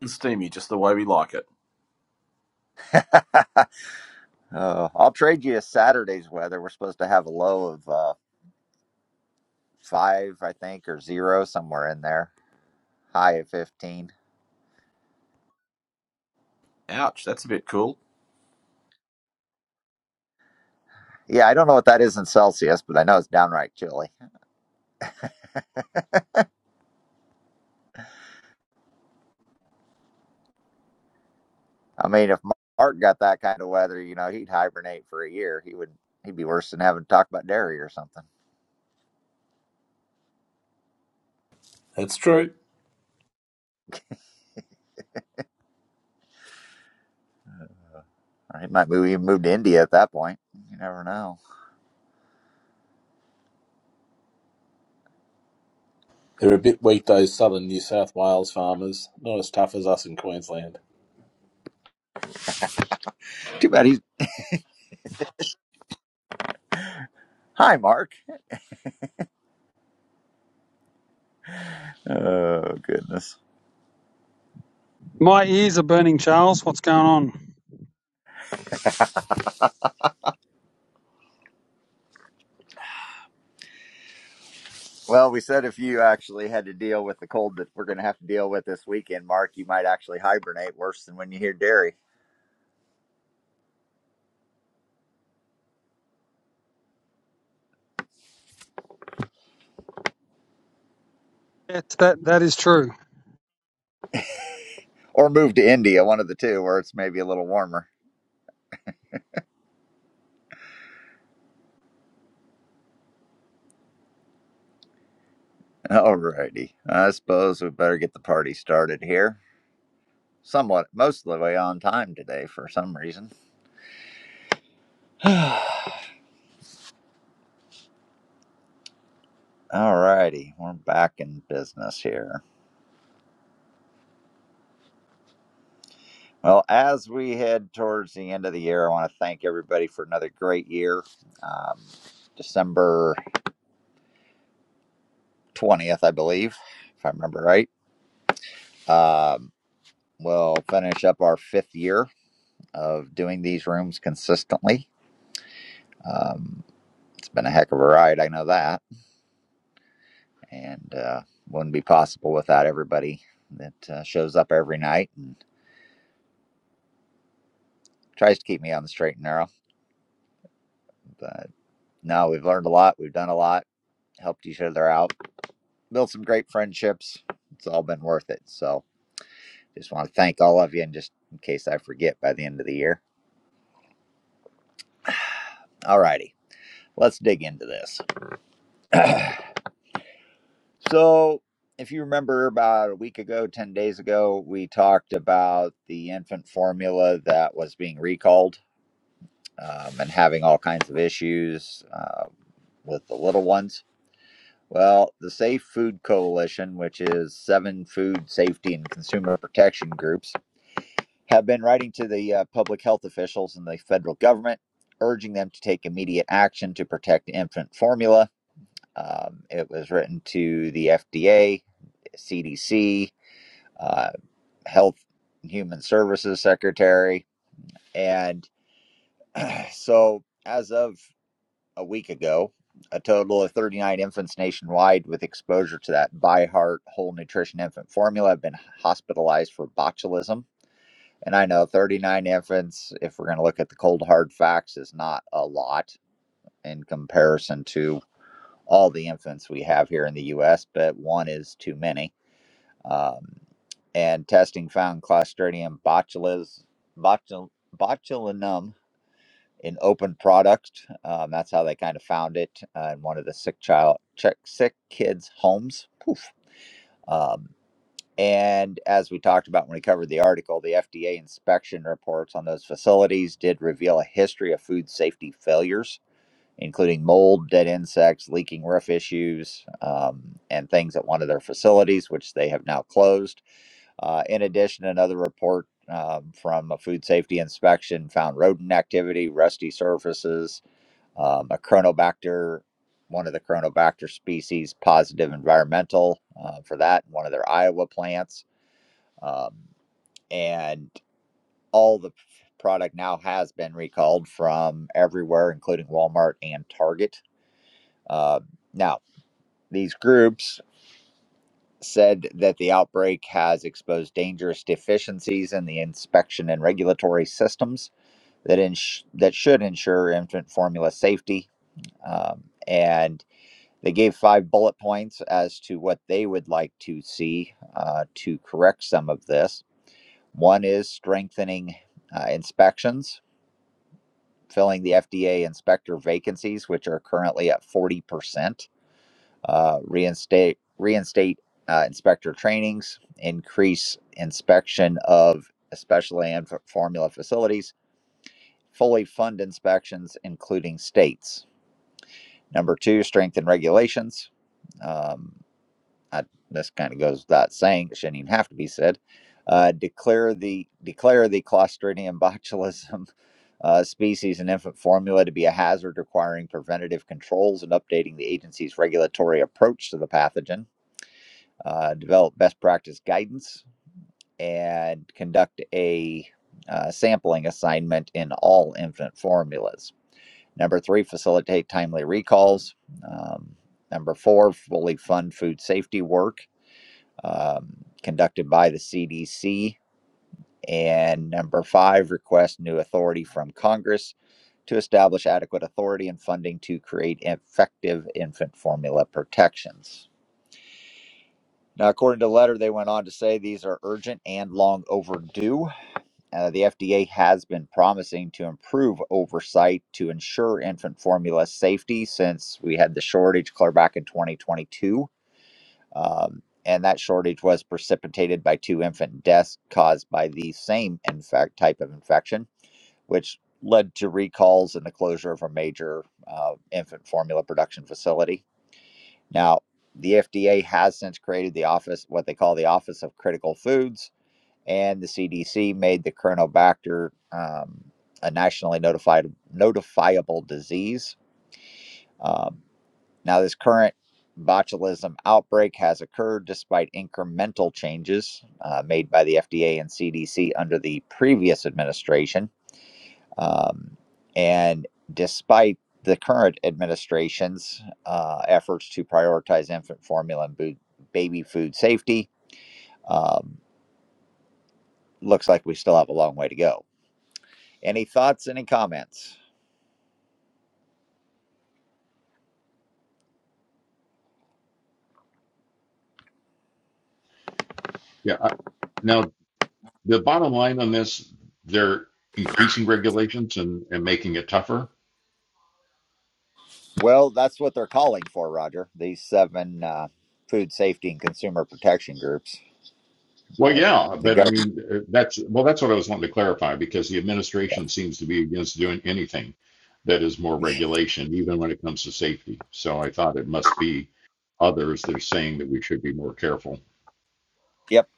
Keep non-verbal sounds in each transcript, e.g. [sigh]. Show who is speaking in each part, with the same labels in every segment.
Speaker 1: and steamy just the way we like it.
Speaker 2: Uh, I'll trade you a Saturday's weather. We're supposed to have a low of uh, five, I think, or zero, somewhere in there. High of 15.
Speaker 1: Ouch, that's a bit cool.
Speaker 2: Yeah, I don't know what that is in Celsius, but I know it's downright chilly. I mean, if Mark got that kind of weather, you know, he'd hibernate for a year. He would, he'd be worse than having to talk about dairy or something.
Speaker 1: That's true.
Speaker 2: Or he might move, even move to India at that point. You never know.
Speaker 1: They're a bit weak, those southern New South Wales farmers. Not as tough as us in Queensland.
Speaker 2: Too bad he's. Hi, Mark. Oh, goodness.
Speaker 3: My ears are burning, Charles. What's going on?
Speaker 2: Well, we said if you actually had to deal with the cold that we're going to have to deal with this weekend, Mark, you might actually hibernate worse than when you hear dairy.
Speaker 3: Yes, that that is true.
Speaker 2: Or move to India, one of the two, where it's maybe a little warmer. [laughs] Alrighty. I suppose we better get the party started here. Somewhat, most of the way on time today for some reason. [sighs] Alrighty. We're back in business here. Well, as we head towards the end of the year, I want to thank everybody for another great year. Um, December. 20th, I believe, if I remember right. Um, we'll finish up our fifth year of doing these rooms consistently. Um, it's been a heck of a ride, I know that, and uh, wouldn't be possible without everybody that uh, shows up every night and tries to keep me on the straight and narrow. But no, we've learned a lot, we've done a lot, helped each other out, built some great friendships. It's all been worth it. So just want to thank all of you, and just in case I forget by the end of the year. All righty, let's dig into this. [clears throat] so, if you remember about a week ago, 10 days ago, we talked about the infant formula that was being recalled um, and having all kinds of issues uh, with the little ones. Well, the Safe Food Coalition, which is seven food safety and consumer protection groups, have been writing to the uh, public health officials and the federal government, urging them to take immediate action to protect infant formula. Um, it was written to the FDA, CDC, uh, Health and Human Services Secretary. And so, as of a week ago, a total of 39 infants nationwide with exposure to that Byheart whole nutrition infant formula have been hospitalized for botulism. And I know 39 infants, if we're going to look at the cold hard facts, is not a lot in comparison to all the infants we have here in the US, but one is too many Um, and testing found Clostridium botulis, botul, botulinum in open product. Um, that's how they kind of found it uh, in one of the sick child, check, sick kids' homes. Poof. Um, and as we talked about when we covered the article, the FDA inspection reports on those facilities did reveal a history of food safety failures, including mold, dead insects, leaking roof issues, um, and things at one of their facilities, which they have now closed. Uh, in addition, another report um, from a food safety inspection found rodent activity, rusty surfaces, um, a chronobacter, one of the chronobacter species, positive environmental uh, for that, one of their Iowa plants. Um, and all the product now has been recalled from everywhere, including Walmart and Target. Uh, now, these groups said that the outbreak has exposed dangerous deficiencies in the inspection and regulatory systems that ins- that should ensure infant formula safety. Um, and they gave five bullet points as to what they would like to see uh, to correct some of this. One is strengthening uh, inspections, filling the FDA inspector vacancies, which are currently at 40%. uh, reinstate reinstate uh, inspector trainings, increase inspection of especially and formula facilities, fully fund inspections, including states. Number two, strengthen regulations. Um, I, this kind of goes without saying; it shouldn't even have to be said. Uh, declare the declare the Clostridium botulism uh, species in infant formula to be a hazard, requiring preventative controls and updating the agency's regulatory approach to the pathogen uh, develop best practice guidance, and conduct a uh, sampling assignment in all infant formulas. Number three, facilitate timely recalls. Um, number four, fully fund food safety work um, conducted by the CDC. And number five, request new authority from Congress to establish adequate authority and funding to create effective infant formula protections. Now, according to the letter, they went on to say these are urgent and long overdue. Uh, the FDA has been promising to improve oversight to ensure infant formula safety since we had the shortage clear back in 2022. Um, and that shortage was precipitated by two infant deaths caused by the same infect type of infection, which led to recalls and the closure of a major uh, infant formula production facility. Now, the FDA has since created the office, what they call the Office of Critical Foods, and the CDC made the Chronobacter um, a nationally notified notifiable disease. Um, now, this current botulism outbreak has occurred despite incremental changes uh, made by the FDA and CDC under the previous administration. Um, and despite the current administration's uh, efforts to prioritize infant formula and boo- baby food safety, um, looks like we still have a long way to go. Any thoughts? Any comments?
Speaker 4: Yeah. I- Now, the bottom line on this, they're increasing regulations and, and making it tougher.
Speaker 2: Well, that's what they're calling for, Roger. These seven uh, food safety and consumer protection groups.
Speaker 4: Well,
Speaker 2: Uh,
Speaker 4: yeah,
Speaker 2: the
Speaker 4: but I
Speaker 2: government.
Speaker 4: mean, uh, that's, well, that's what I was wanting to clarify because the administration seems to be against doing anything that is more regulation, even when it comes to safety. So I thought it must be others that are saying that we should be more careful.
Speaker 2: Yep.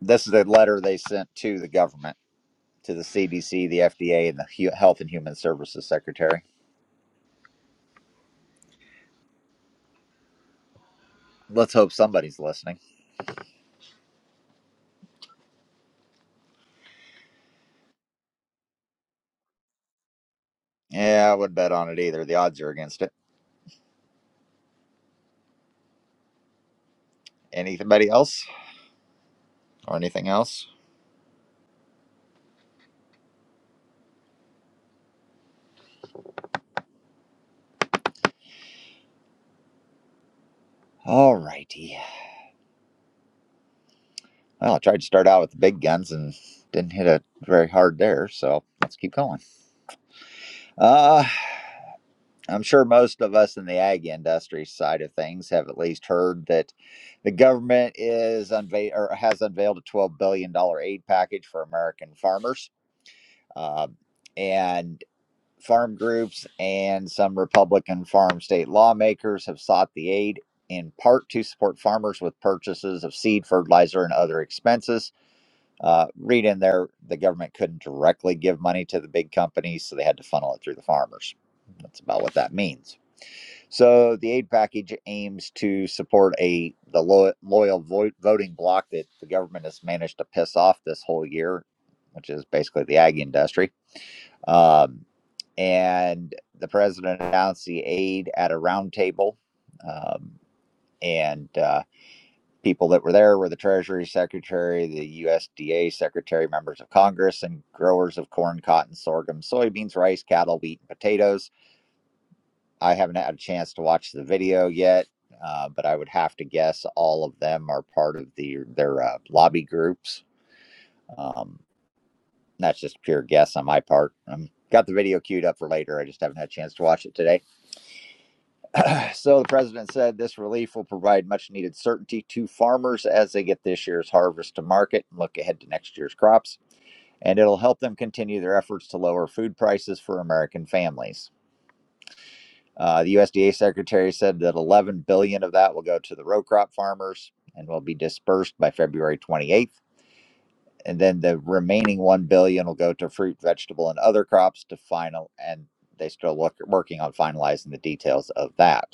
Speaker 2: This is the letter they sent to the government, to the CDC, the FDA, and the Hu- Health and Human Services Secretary. Let's hope somebody's listening. Yeah, I would bet on it either. The odds are against it. Anybody else or anything else? All righty. Well, I tried to start out with the big guns and didn't hit it very hard there, so let's keep going. Uh, I'm sure most of us in the ag industry side of things have at least heard that the government is unveil or has unveiled a 12 billion dollar aid package for American farmers. Uh, And farm groups and some Republican farm state lawmakers have sought the aid in part to support farmers with purchases of seed, fertilizer, and other expenses. Uh, read in there, the government couldn't directly give money to the big companies, so they had to funnel it through the farmers. That's about what that means. So the aid package aims to support a the lo- loyal vo- voting bloc that the government has managed to piss off this whole year, which is basically the ag industry um, and the president announced the aid at a roundtable. Um, and uh, people that were there were the Treasury Secretary, the USDA Secretary, members of Congress, and growers of corn, cotton, sorghum, soybeans, rice, cattle, wheat, and potatoes. I haven't had a chance to watch the video yet. Uh, but I would have to guess all of them are part of the their uh, lobby groups. Um, that's just pure guess on my part. i Um got the video queued up for later. I just haven't had a chance to watch it today So the president said this relief will provide much needed certainty to farmers as they get this year's harvest to market and look ahead to next year's crops. And it'll help them continue their efforts to lower food prices for American families. Uh, the USDA secretary said that 11 billion dollars of that will go to the row crop farmers and will be dispersed by February 28th. And then the remaining 1 billion dollars will go to fruit, vegetable, and other crops to final. And they still look working on finalizing the details of that.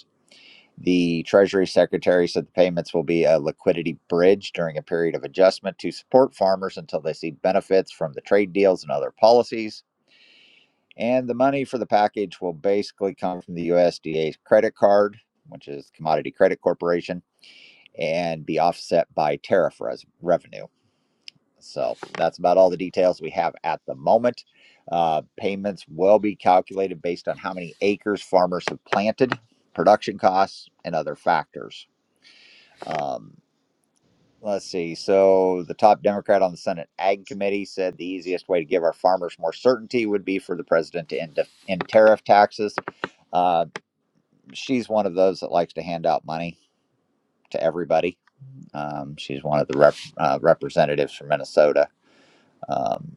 Speaker 2: The Treasury Secretary said the payments will be a liquidity bridge during a period of adjustment to support farmers until they see benefits from the trade deals and other policies. And the money for the package will basically come from the USDA's credit card, which is Commodity Credit Corporation, and be offset by tariff res- revenue. So that's about all the details we have at the moment. Uh, payments will be calculated based on how many acres farmers have planted, production costs, and other factors. Um, let's see. So the top Democrat on the Senate Ag Committee said the easiest way to give our farmers more certainty would be for the president to end, end tariff taxes. Uh, she's one of those that likes to hand out money to everybody. Um, she's one of the rep, uh, representatives from Minnesota. Um,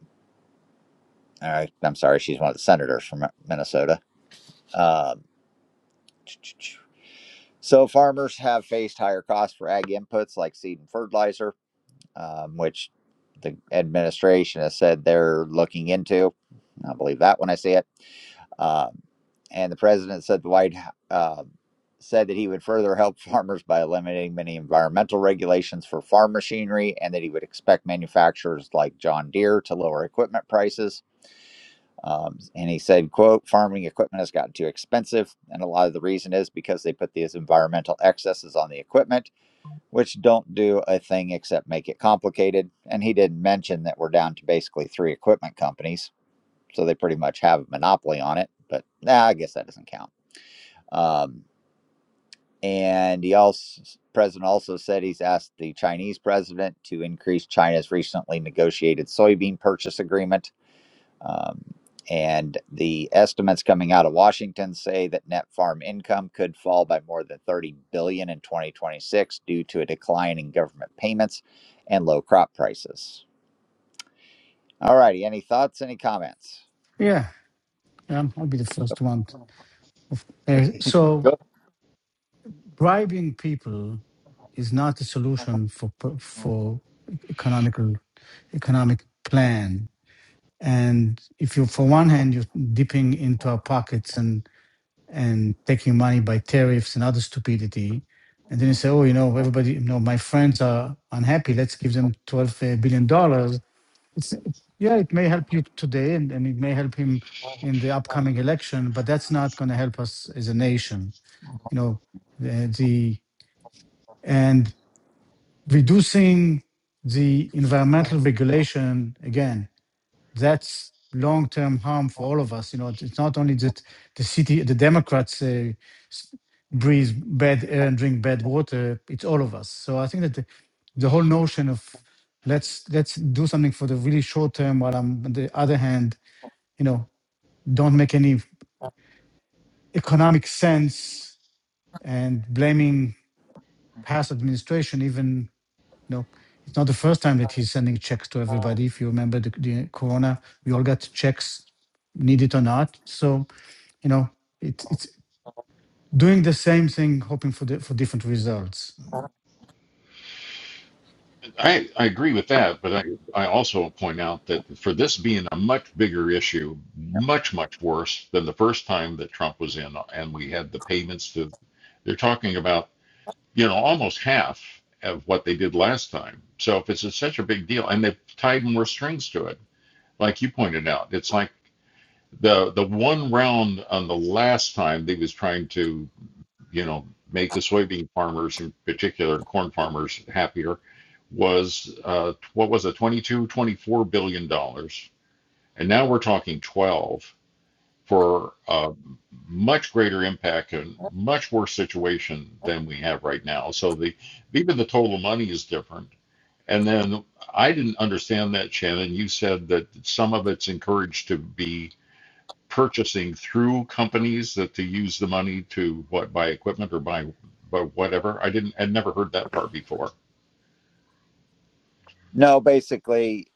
Speaker 2: all right, I'm sorry, she's one of the senators from Minnesota. Um, so farmers have faced higher costs for ag inputs like seed and fertilizer. um, which the administration has said they're looking into. I believe that when I see it. Um, and the president said the White uh, said that he would further help [laughs] farmers by eliminating many environmental regulations for farm machinery, and that he would expect manufacturers like John Deere to lower equipment prices. Um, and he said, "quote Farming equipment has gotten too expensive, and a lot of the reason is because they put these environmental excesses on the equipment." which don't do a thing except make it complicated. And he didn't mention that we're down to basically three equipment companies, so they pretty much have a monopoly on it. But nah, I guess that doesn't count. Um, and he also president also said he's asked the Chinese president to increase China's recently negotiated soybean purchase agreement um, and the estimates coming out of Washington say that net farm income could fall by more than 30 billion dollars in 2026 due to a decline in government payments and low crop prices. All righty, any thoughts, any comments?
Speaker 5: Yeah, um, I'll be the first one. Of- uh, so
Speaker 2: Go.
Speaker 5: bribing people is not a solution for p- for economical economic plan. And if you, for one hand, you're dipping into our pockets and and taking money by tariffs and other stupidity, and then you say, oh, you know, everybody, you know, my friends are unhappy. Let's give them twelve uh, billion dollars it's yeah it may help you today and, and it may help him in the upcoming election but that's not going to help us as a nation you know the, the and reducing the environmental regulation again that's long-term harm for all of us. You know, it's it's not only that the city, the Democrats uh, s- breathe bad air and drink bad water. It's all of us. So I think that the, the whole notion of let's let's do something for the really short term, while I'm, on the other hand, you know, don't make any economic sense and blaming past administration even No, it's not the first time that he's sending checks to everybody. If you remember the, the corona, we all got checks, need it or not. So you know, it's it's doing the same thing, hoping for the, for different results.
Speaker 4: I, I agree with that, but I, I also point out that for this being a much bigger issue, much, much worse than the first time that Trump was in and we had the payments to, they're talking about, you know, almost half of what they did last time. So if it's such a big deal and they've tied more strings to it, like you pointed out, it's like the, the one round on the last time they was trying to you know, make the soybean farmers in particular, corn farmers happier, was uh, what was it, 22, 24 billion dollars, and now we're talking 12 for a much greater impact and much worse situation than we have right now. So the even the total money is different. And then I didn't understand that, Shannon. You said that some of it's encouraged to be purchasing through companies that to use the money to what buy equipment or buy but whatever. I didn't I'd never heard that part before.
Speaker 2: No, basically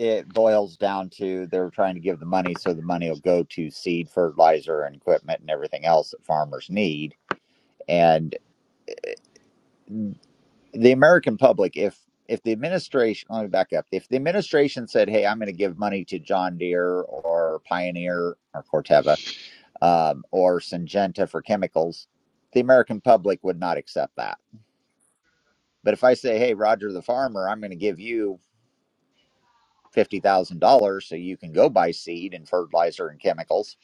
Speaker 2: it boils down to they're trying to give the money so the money will go to seed, fertilizer, and equipment and everything else that farmers need. And the American public, if if the administration, let me back up, if the administration said, "Hey, I'm going to give money to John Deere or Pioneer or Corteva um, or Syngenta for chemicals," the American public would not accept that. But if I say, "Hey, Roger the farmer, I'm going to give you fifty thousand dollars so you can go buy seed and fertilizer and chemicals,"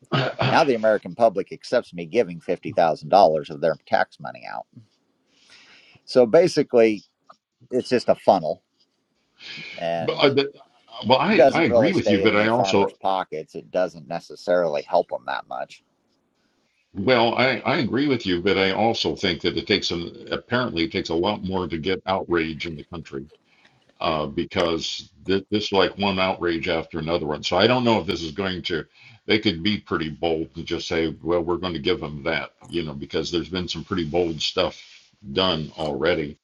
Speaker 4: [clears throat] [laughs] but,
Speaker 2: now the American public accepts me giving fifty thousand dollars of their tax money out. So basically, it's just a funnel, and.
Speaker 4: uh, but well, I I
Speaker 2: doesn't
Speaker 4: agree
Speaker 2: really
Speaker 4: with you,
Speaker 2: stay in
Speaker 4: but I
Speaker 2: the farmer's
Speaker 4: also
Speaker 2: pockets. It doesn't necessarily help them that much.
Speaker 4: well I I agree with you, but I also think that it takes an apparently it takes a lot more to get outrage in the country. uh, because th- this is like one outrage after another one. So I don't know if this is going to. They could be pretty bold and just say, "Well, we're going to give them that," you know, because there's been some pretty bold stuff done already.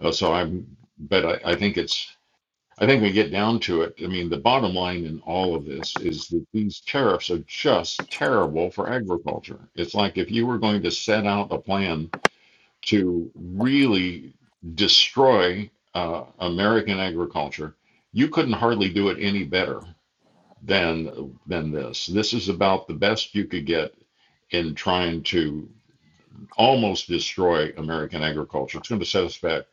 Speaker 4: Uh, so I'm, but I, I think it's. I think we get down to it. I mean, the bottom line in all of this is that these tariffs are just terrible for agriculture. It's like if you were going to set out a plan to really destroy uh, American agriculture. You couldn't hardly do it any better than than this. This is about the best you could get in trying to almost destroy American agriculture. It's going to set us back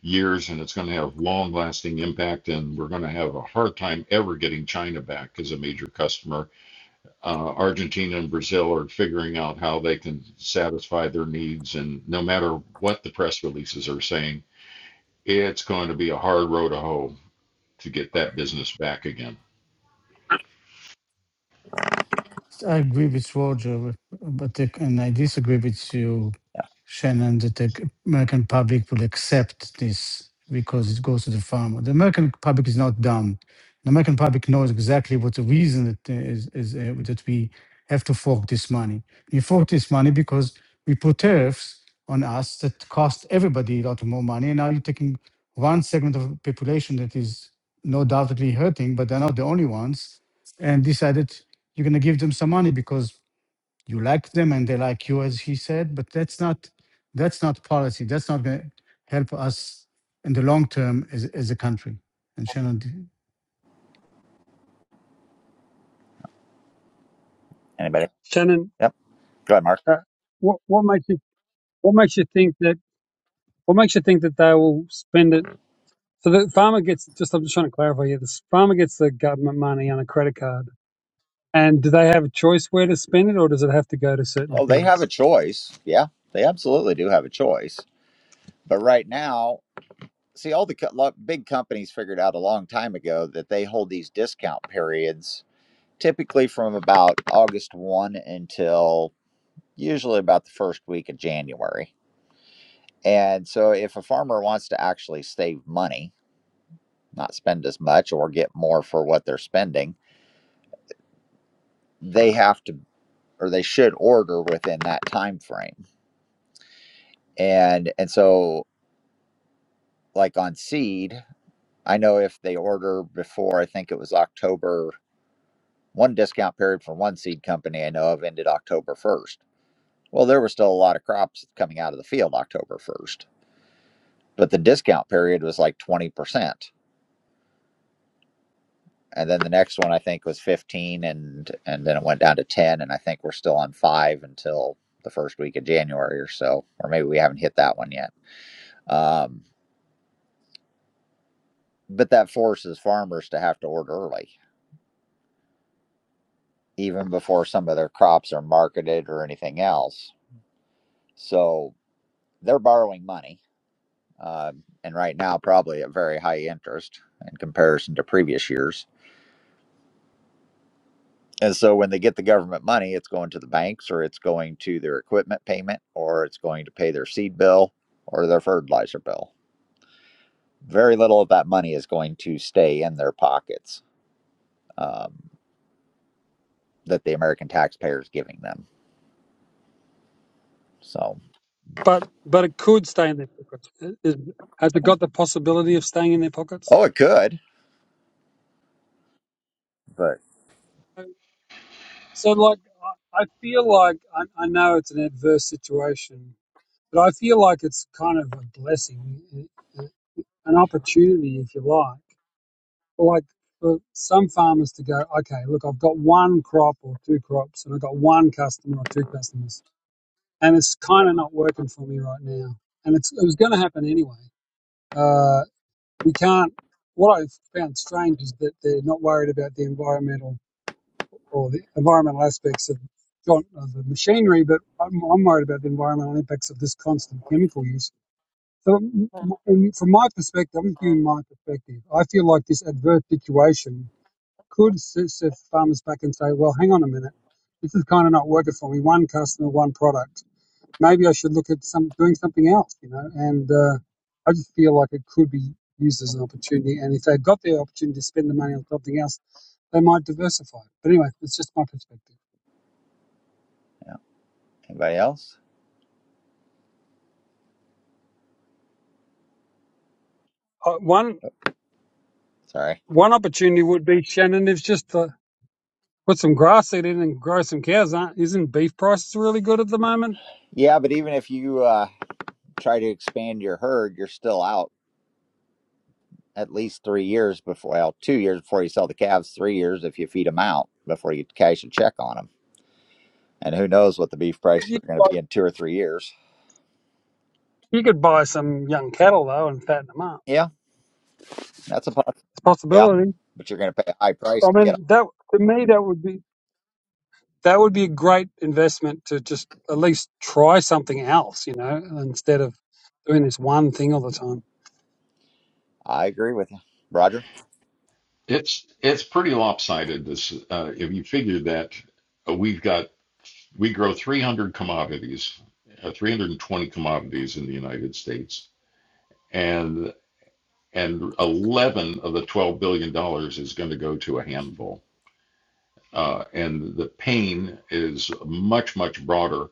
Speaker 4: years and it's going to have long lasting impact and we're going to have a hard time ever getting China back as a major customer uh, Argentina and Brazil are figuring out how they can satisfy their needs. And no matter what the press releases are saying, it's going to be a hard road to hoe to get that business back again.
Speaker 5: I agree with Roger, but the, and I disagree with you,
Speaker 2: Yeah.
Speaker 5: Shannon, that the American public will accept this because it goes to the farmer. The American public is not dumb. The American public knows exactly what the reason that is, is uh, that we have to fork this money. We fork this money because we put tariffs on us that cost everybody a lot more money. And now you're taking one segment of the population that is no doubtedly hurting, but they're not the only ones, and decided you're going to give them some money because you like them and they like you as he said but that's not that's not policy that's not going to help us in the long term as, as a country and shannon d-
Speaker 2: Anybody?
Speaker 3: Shannon,
Speaker 2: Yep. Go ahead, Mark.
Speaker 3: uh, what what makes you what makes you think that what makes you think that they will spend it? So the farmer gets just. I'm just trying to clarify here. The farmer gets the government money on a credit card, and do they have a choice where to spend it, or does it have to go to certain
Speaker 2: Oh, they have
Speaker 3: things?
Speaker 2: a choice. Yeah, they absolutely do have a choice. But right now, see, all the co- lo- big companies figured out a long time ago that they hold these discount periods typically from about August 1 until usually about the first week of January. And so if a farmer wants to actually save money, not spend as much or get more for what they're spending, they have to or they should order within that time frame. And and so like on seed, I know if they order before I think it was October one discount period for one seed company I know of ended October 1st. Well, there were still a lot of crops coming out of the field October 1st, but the discount period was like 20%. And then the next one I think was 15 and and then it went down to 10 and I think we're still on 5 until the first week of January or so, or maybe we haven't hit that one yet. Um, but that forces farmers to have to order early, even before some of their crops are marketed or anything else. So they're borrowing money, um, and right now probably at very high interest in comparison to previous years. And so when they get the government money, it's going to the banks, or it's going to their equipment payment, or it's going to pay their seed bill or their fertilizer bill. Very little of that money is going to stay in their pockets um, that the American taxpayer is giving them. So,
Speaker 3: But but it could stay in their pockets. Is- Has it got the possibility of staying in their pockets?
Speaker 2: oh, it could, but.
Speaker 3: So so, like, I I feel like I, I know it's an adverse situation, But I feel like it's kind of a blessing, uh, uh, an opportunity, if you like, for like for some farmers to go, okay, look, I've got one crop or two crops, and I've got one customer or two customers, and it's kind of not working for me right now, and it's it was going to happen anyway. Uh, we can't. What I've found strange is that they're not worried about the environmental or the environmental aspects of of the machinery, but I'm, I'm worried about the environmental impacts of this constant chemical use So, m- m- from my perspective, I'm just giving my perspective. I feel like this adverse situation could s- set farmers back and say, well, hang on a minute, this is kind of not working for me. One customer, one product. Maybe I should look at some doing something else, you know. And uh, I just feel like it could be used as an opportunity. And if they've got the opportunity to spend the money on something else, they might diversify. But anyway, it's just my perspective.
Speaker 2: Yeah. Anybody else?
Speaker 3: Uh, one
Speaker 2: Sorry.
Speaker 3: one opportunity would be Shannon. It's just the Put some grass seed in and grow some cows. Aren't, isn't beef prices really good at the moment?
Speaker 2: Yeah, but even if you uh, try to expand your herd, you're still out at least three years before, well, two years before you sell the calves, three years if you feed them out before you cash a check on them. And who knows what the beef prices
Speaker 3: You, could
Speaker 2: are going to
Speaker 3: buy-
Speaker 2: be in two or three years.
Speaker 3: you could buy some young cattle though and fatten them up.
Speaker 2: Yeah, that's a possibility.
Speaker 3: It's a
Speaker 2: Yeah,
Speaker 3: possibility.
Speaker 2: but you're going to pay a high price
Speaker 3: I
Speaker 2: to get them.
Speaker 3: mean, that to me that would be that would be a great investment to just at least try something else, you know, instead of doing this one thing all the time.
Speaker 2: I agree with you. Roger,
Speaker 4: It's it's pretty lopsided. This uh, if you figure that uh, we've got we grow 300 commodities, uh, 320 commodities in the United States, and and 11 of the 12 billion dollars is going to go to a handful Uh, and the pain is much, much broader.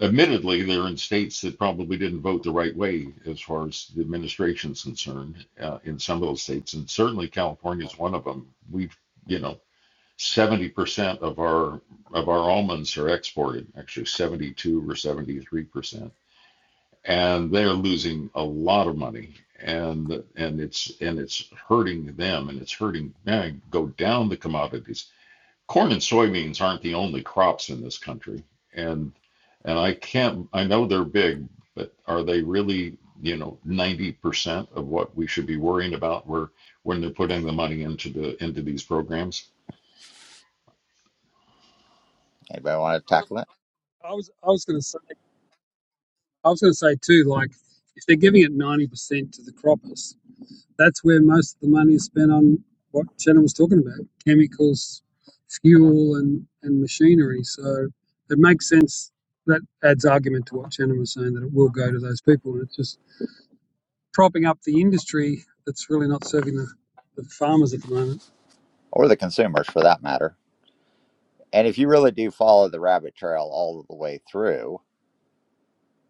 Speaker 4: Admittedly, they're in states that probably didn't vote the right way as far as the administration's concerned uh, in some of those states. And certainly California is one of them. We've, you know, 70% of our of our almonds are exported, actually 72 or 73%. And they're losing a lot of money and and it's and it's hurting them and it's hurting man, go down the commodities corn and soybeans aren't the only crops in this country, and and I can't. I know they're big, but are they really? You know, 90% of what we should be worrying about were when they're putting the money into the into these programs.
Speaker 2: anybody want to tackle it?
Speaker 3: I was I was going to say I was going to say too, like if they're giving it ninety percent to the croppers, that's where most of the money is spent on what Shannon was talking about chemicals, fuel, and, and machinery. So it makes sense. That adds argument to what Shannon was saying that it will go to those people. And it's just propping up the industry that's really not serving the, the farmers at the moment.
Speaker 2: Or the consumers for that matter. And if you really do follow the rabbit trail all the way through,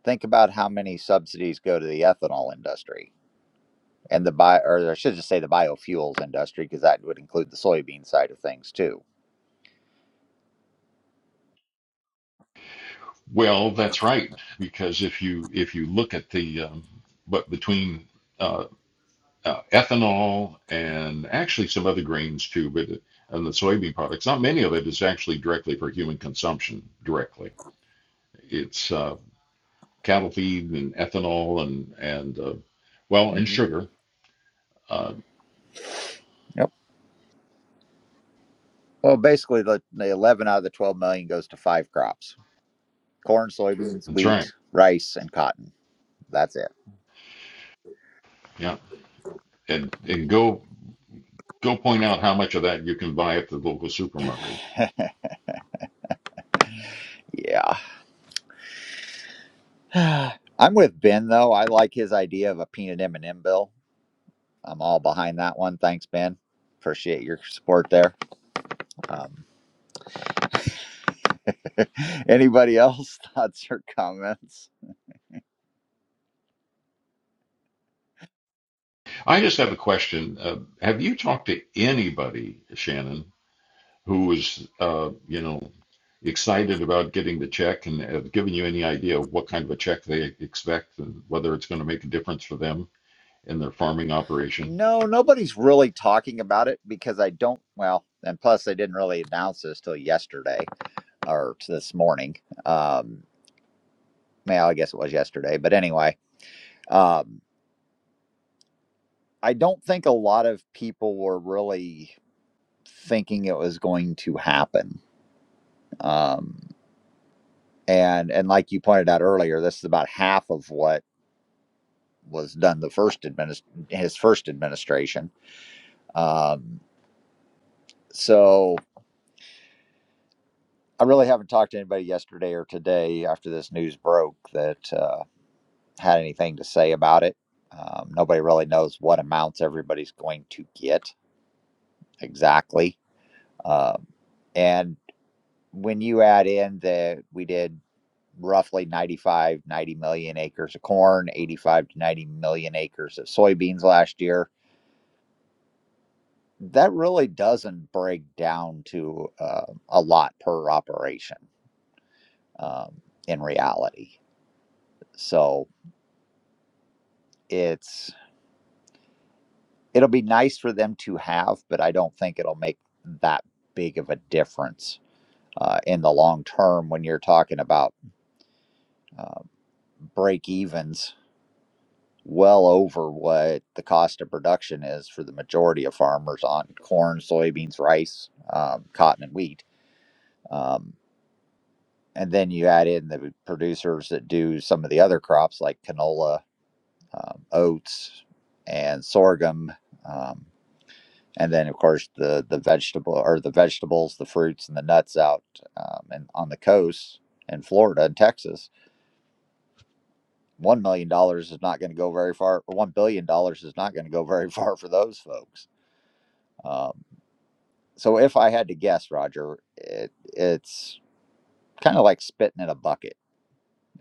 Speaker 2: think about how many subsidies go to the ethanol industry and the bio, or I should just say the biofuels industry, because that would include the soybean side of things too.
Speaker 4: Well, that's right, because if you if you look at the um, but between uh, uh, ethanol and actually some other grains too, but uh, and the soybean products, not many of it is actually directly for human consumption directly. It's uh, cattle feed and ethanol and and uh, well and
Speaker 2: hmm
Speaker 4: sugar. Uh,
Speaker 2: Yep. Well, basically, the, the 11 out of the 12 million goes to five crops corn, soybeans,
Speaker 4: that's
Speaker 2: wheat,
Speaker 4: right.
Speaker 2: rice, and cotton. That's
Speaker 4: Yeah, and and go go point out how much of that you can buy at the local supermarket.
Speaker 2: it. [laughs] Yeah. [sighs] I'm with Ben, though. I like his idea of a peanut M&M bill. I'm all behind that one. Thanks, Ben. Appreciate your support there. Um, [laughs] anybody else? Thoughts or comments?
Speaker 4: I just have a question. Uh, have you talked to anybody, Shannon, who was uh, you know excited about getting the check and have given you any idea of what kind of a check they expect and whether it's going to make a difference for them in their farming operation?
Speaker 2: No, nobody's really talking about it because I don't. Well, and plus they didn't really announce this till yesterday or t- this morning. Um, well, I guess it was yesterday, but anyway, um, I don't think a lot of people were really thinking it was going to happen. Um, and and like you pointed out earlier, this is about half of what was done the first administ- his first administration. Um, so I really haven't talked to anybody yesterday or today after this news broke that uh, had anything to say about it. Um, nobody really knows what amounts everybody's going to get exactly. Um, and when you add in that we did roughly ninety-five, ninety million acres of corn, 85 to 90 million acres of soybeans last year, that really doesn't break down to uh, a lot per operation um, in reality. So it's it'll be nice for them to have, but I don't think it'll make that big of a difference uh, in the long term when you're talking about uh, break evens well over what the cost of production is for the majority of farmers on corn, soybeans, rice, um, cotton, and wheat. Um, and then you add in the producers that do some of the other crops like canola, um, oats, and sorghum. Um, and then of course the the vegetable or the vegetables, the fruits and the nuts out um, and on the coast in Florida and Texas. One million dollars is not going to go very far, or one billion dollars is not going to go very [laughs] far for those folks. Um, so if I had to guess, Roger, it, it's kind of like spitting in a bucket.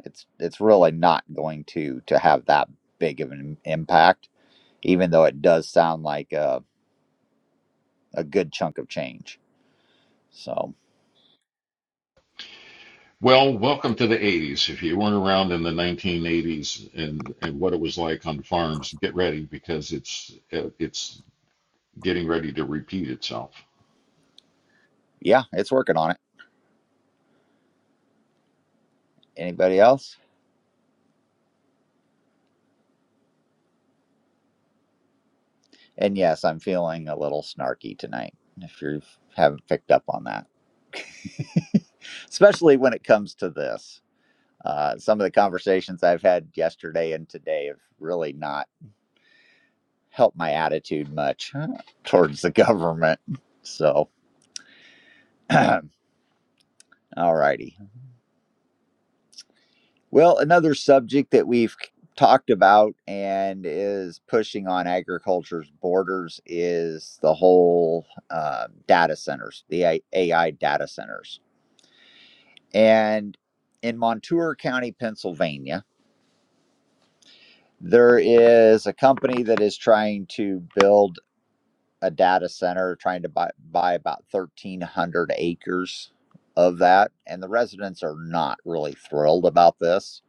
Speaker 2: It's it's really not going to to have that big of an impact, even though it does sound like a, a good chunk of change. So
Speaker 4: Well, welcome to the 80s. If you weren't around in the 1980s and, and what it was like on farms, get ready because it's uh, it's getting ready to repeat itself.
Speaker 2: yeah, it's working on it. Anybody else? And yes, I'm feeling a little snarky tonight, if you haven't picked up on that, especially when it comes to this. Uh, some of the conversations I've had yesterday and today have really not helped my attitude much [laughs] towards the government. So, [clears throat] all righty. Well, another subject that we've talked about and is pushing on agriculture's borders is the whole uh, data centers, the AI data centers And in Montour County, Pennsylvania, there is a company that is trying to build a data center, trying to buy, buy about 1,300 acres of that. And the residents are not really thrilled about this,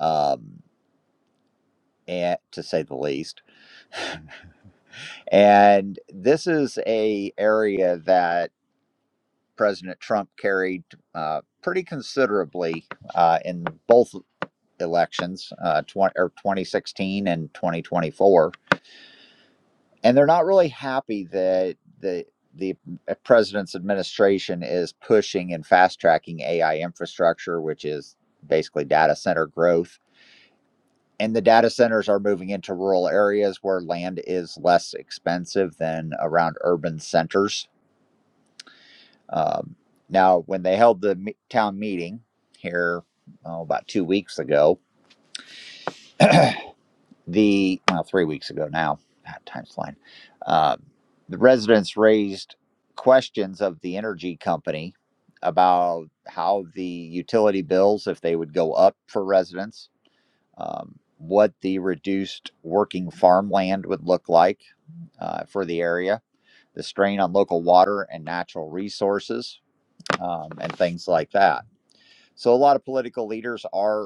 Speaker 2: um, and, to say the least. And this is a area that President Trump carried uh, pretty considerably uh, in both elections, uh, 20, or 2016 and 2024. And they're not really happy that the, the president's administration is pushing and fast tracking AI infrastructure, which is basically data center growth. And the data centers are moving into rural areas where land is less expensive than around urban centers. Um, now, when they held the town meeting here oh, about two weeks ago, the well three weeks ago now ah, time's flying uh, the residents raised questions of the energy company about how the utility bills if they would go up for residents um, what the reduced working farmland would look like uh, for the area the strain on local water and natural resources um, and things like that so a lot of political leaders are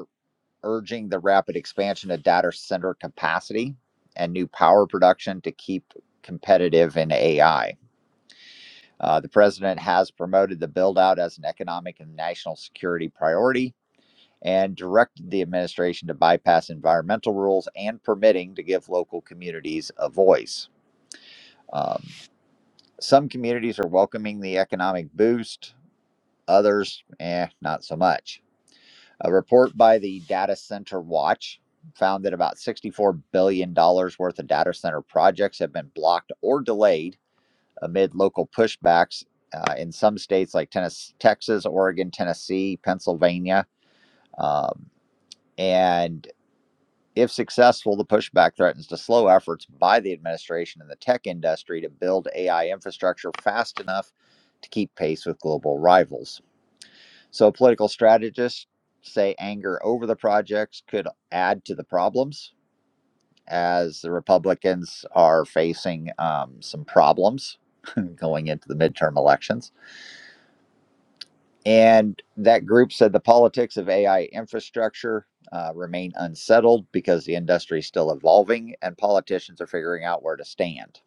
Speaker 2: urging the rapid expansion of data center capacity and new power production to keep competitive in AI. Uh, the president has promoted the build out as an economic and national security priority and directed the administration to bypass environmental rules and permitting to give local communities a voice. Um, some communities are welcoming the economic boost, others, eh, not so much. A report by the Data Center Watch found that about $64 billion dollars worth of data center projects have been blocked or delayed amid local pushbacks uh, in some states like Tennessee, Texas, Oregon, Tennessee, Pennsylvania. Um, and if successful, the pushback threatens to slow efforts by the administration and the tech industry to build AI infrastructure fast enough to keep pace with global rivals. So political strategists say anger over the projects could add to the problems as the Republicans are facing um, some problems [laughs] going into the midterm elections. And that group said the politics of AI infrastructure uh, remain unsettled because the industry is still evolving and politicians are figuring out where to stand.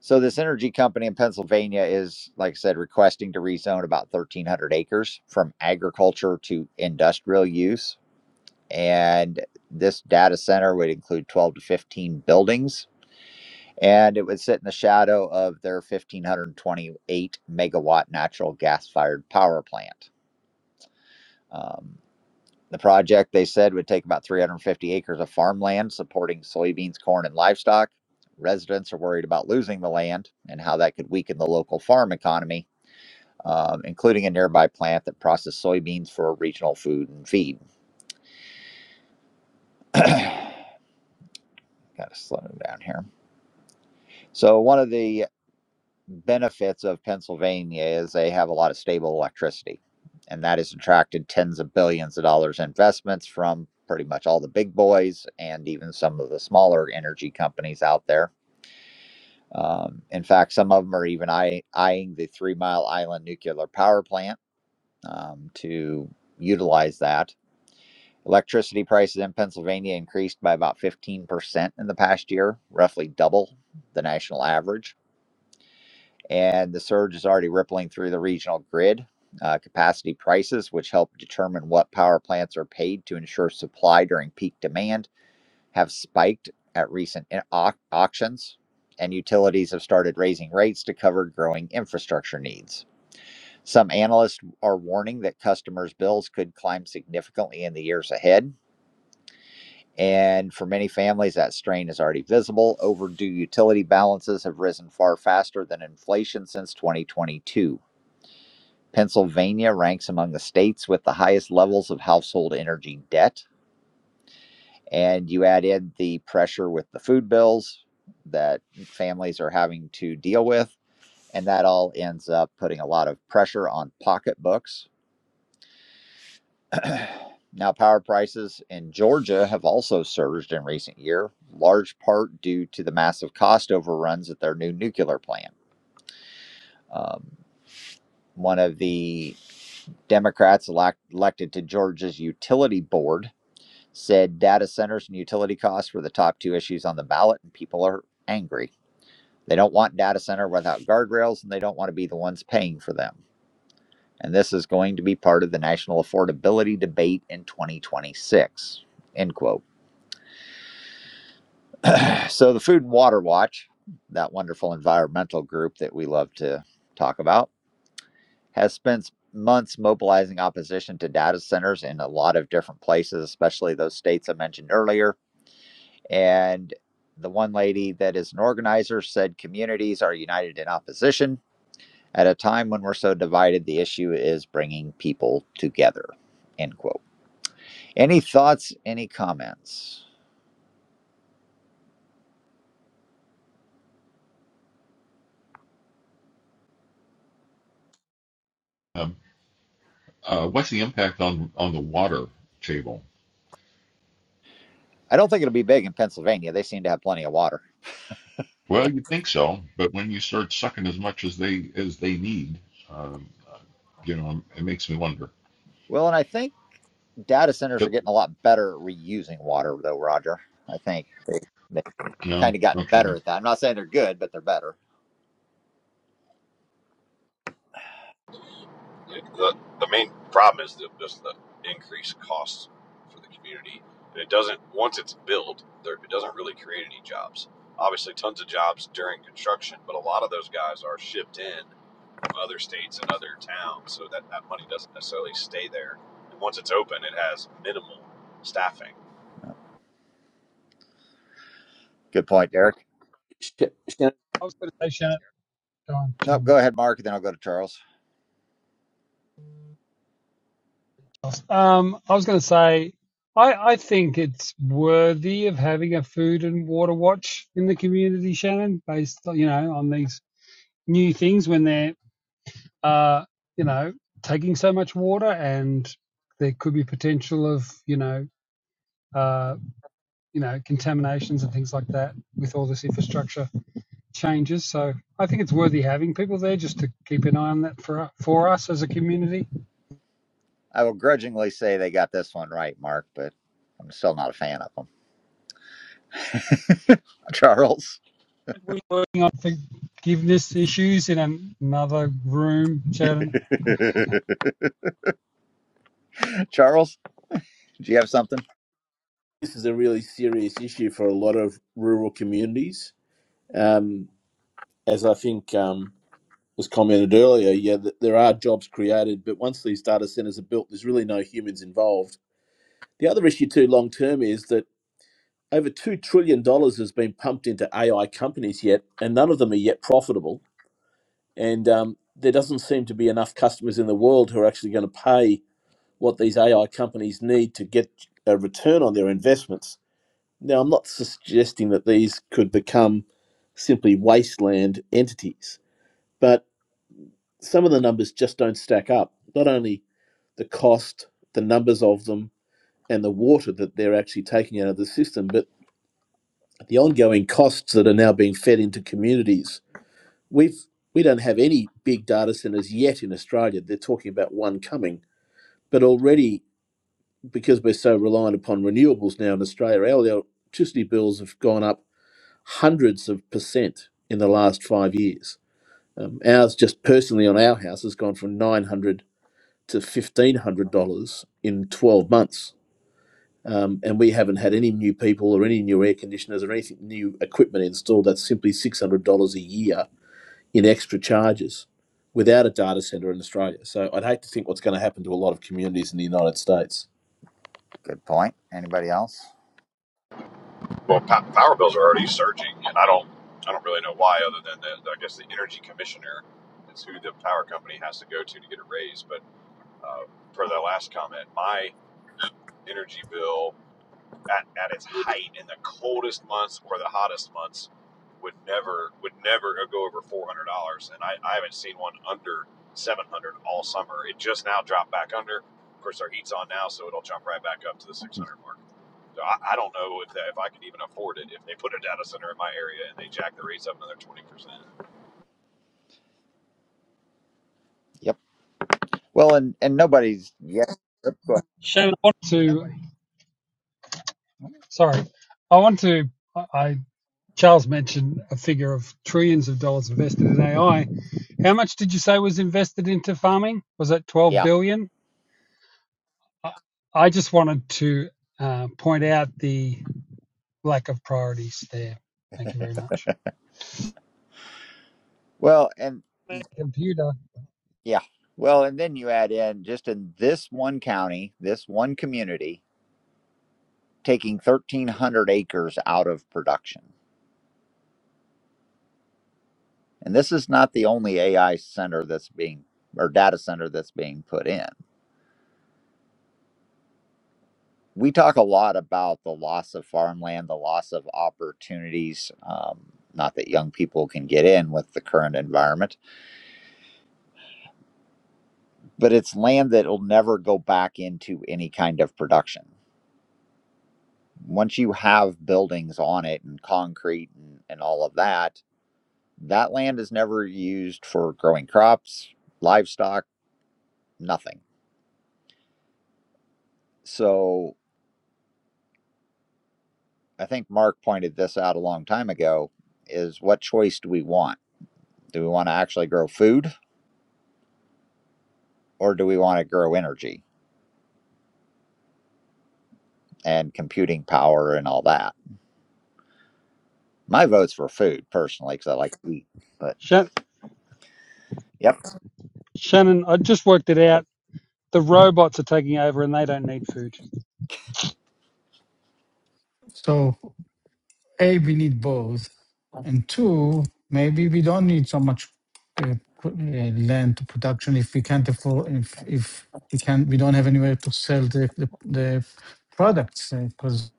Speaker 2: So this energy company in Pennsylvania is, like I said, requesting to rezone about 1,300 acres from agriculture to industrial use and this data center would include 12 to 15 buildings and it would sit in the shadow of their 1528 megawatt natural gas fired power plant um, the project they said would take about 350 acres of farmland supporting soybeans corn and livestock residents are worried about losing the land and how that could weaken the local farm economy um, including a nearby plant that processed soybeans for regional food and feed. Got to slow down here. So one of the benefits of Pennsylvania is they have a lot of stable electricity, and that has attracted tens of billions of dollars investments from pretty much all the big boys and even some of the smaller energy companies out there. Um, in fact, some of them are even eye- eyeing the Three Mile Island nuclear power plant um, to utilize that. Electricity prices in Pennsylvania increased by about 15% in the past year, roughly double the national average and the surge is already rippling through the regional grid. Uh, capacity prices, which help determine what power plants are paid to ensure supply during peak demand, have spiked at recent au- auctions, and utilities have started raising rates to cover growing infrastructure needs. Some analysts are warning that customers' bills could climb significantly in the years ahead. And for many families, that strain is already visible. Overdue utility balances have risen far faster than inflation since 2022. Pennsylvania ranks among the states with the highest levels of household energy debt. And you add in the pressure with the food bills that families are having to deal with. And that all ends up putting a lot of pressure on pocketbooks. [clears throat] now, power prices in Georgia have also surged in recent year, large part due to the massive cost overruns at their new nuclear plant. Um, one of the Democrats elect- elected to Georgia's utility board said data centers and utility costs were the top two issues on the ballot, and people are angry. They don't want data center without guardrails, and they don't want to be the ones paying for them. And this is going to be part of the national affordability debate in 2026. End quote. So the Food and Water Watch, that wonderful environmental group that we love to talk about, has spent months mobilizing opposition to data centers in a lot of different places, especially those states I mentioned earlier And the one lady that is an organizer said communities are united in opposition. At a time when we're so divided, the issue is bringing people together. End quote. Any thoughts, any comments?
Speaker 4: Um, uh, what's the impact on, on the water table?
Speaker 2: I don't think it'll be big in Pennsylvania. They seem to have plenty of water.
Speaker 4: Well, you'd think so, but when you start sucking as much as they as they need, um, you know, it makes me wonder.
Speaker 2: Well, and I think data centers are
Speaker 4: But,
Speaker 2: getting a lot better at reusing water, though, Roger. I think they, they've
Speaker 4: no,
Speaker 2: kind of gotten better
Speaker 4: okay.
Speaker 2: at that. I'm not saying they're good, but they're better.
Speaker 6: Yeah, the, the main problem is the, just the increased costs for the community. And it doesn't, once it's built, there, it doesn't really create any jobs. Obviously, tons of jobs during construction, but a lot of those guys are shipped in from other states and other towns. So that, that money doesn't necessarily stay there. And once it's open, it has minimal staffing.
Speaker 2: Good point, Derek.
Speaker 3: I was going to say, Shannon. Go on,
Speaker 2: Nope,
Speaker 3: Shannon.
Speaker 2: go ahead, Mark, and then I'll go to Charles.
Speaker 3: Um, I was going to say, I, I think it's worthy of having a food and water watch in the community, Shannon, based you know on these new things when they're uh, you know, taking so much water, and there could be potential of, you know, uh, you know, contaminations and things like that with all this infrastructure changes. So I think it's worthy having people there just to keep an eye on that for for us as a community.
Speaker 2: I will grudgingly say they got this one right, Mark, but I'm still not a fan of them. Charles,
Speaker 3: Working on forgiveness issues in an, another room,
Speaker 2: [laughs]
Speaker 3: Shannon.
Speaker 2: Charles, do you have something?
Speaker 1: this is a really serious issue for a lot of rural communities. Um, as I think um, was commented earlier, yeah, there are jobs created, but once these data centers are built, there's really no humans involved. The other issue, too, long term, is that over $2 trillion dollars has been pumped into AI companies yet, and none of them are yet profitable. and um, there doesn't seem to be enough customers in the world who are actually going to pay what these AI companies need to get a return on their investments. Now, I'm not suggesting that these could become simply wasteland entities, but some of the numbers just don't stack up. Not only the cost, the numbers of them, and the water that they're actually taking out of the system, but the ongoing costs that are now being fed into communities We've we don't have any big data centers yet in Australia. They're talking about one coming, but already because we're so reliant upon renewables now in Australia, our electricity bills have gone up hundreds of percent in the last five years. Um, ours, just personally on our house, has gone from nine hundred to fifteen hundred dollars in twelve months, um, and we haven't had any new people or any new air conditioners or anything new equipment installed. That's simply six hundred dollars a year in extra charges without a data center in Australia. So I'd hate to think what's going to happen to a lot of communities in the United States.
Speaker 2: Good point. Anybody else?
Speaker 6: Well, po- power bills are already surging, and I don't, I don't really know why, other than the, I guess the energy commissioner is who the power company has to go to to get a raise. but. uh, per that last comment, my energy bill at, at its height in the coldest months or the hottest months would never would never go over four hundred dollars, and I, I haven't seen one under seven hundred all summer. It just now dropped back under. Of course, our heat's on now, so it'll jump right back up to the six hundred mark. So I, I don't know if that, if I could even afford it if they put a data center in my area and they jack the rates up another twenty percent.
Speaker 2: Yep. Well, and and nobody's yeah. go
Speaker 3: Shannon, I want To sorry, I want to. I Charles mentioned a figure of trillions of dollars invested in AI. How much did you say was invested into farming? Was it 12
Speaker 2: Yeah.
Speaker 3: billion? I just wanted to uh, point out the lack of priorities there. Thank you very much.
Speaker 2: Well, and
Speaker 3: Computer.
Speaker 2: yeah. Well, and then you add in just in this one county, this one community, taking 1,300 acres out of production. And this is not the only AI center that's being or data center that's being put in. we talk a lot about the loss of farmland, the loss of opportunities. Um, not that young people can get in with the current environment, but it's land that will never go back into any kind of production. Once you have buildings on it and concrete and, and all of that, that land is never used for growing crops, livestock, nothing. So I think Mark pointed this out a long time ago is what choice do we want? Do we want to actually grow food? or do we want to grow energy and computing power and all that? My vote's for food personally because I like to eat. But
Speaker 3: Sha-
Speaker 2: yep,
Speaker 3: Shannon, I just worked it out. The robots are taking over and they don't need food.
Speaker 5: so a we need both and two maybe we don't need so much uh, pro- uh, land to production if we can't afford if if we can we don't have anywhere to sell the the, the products because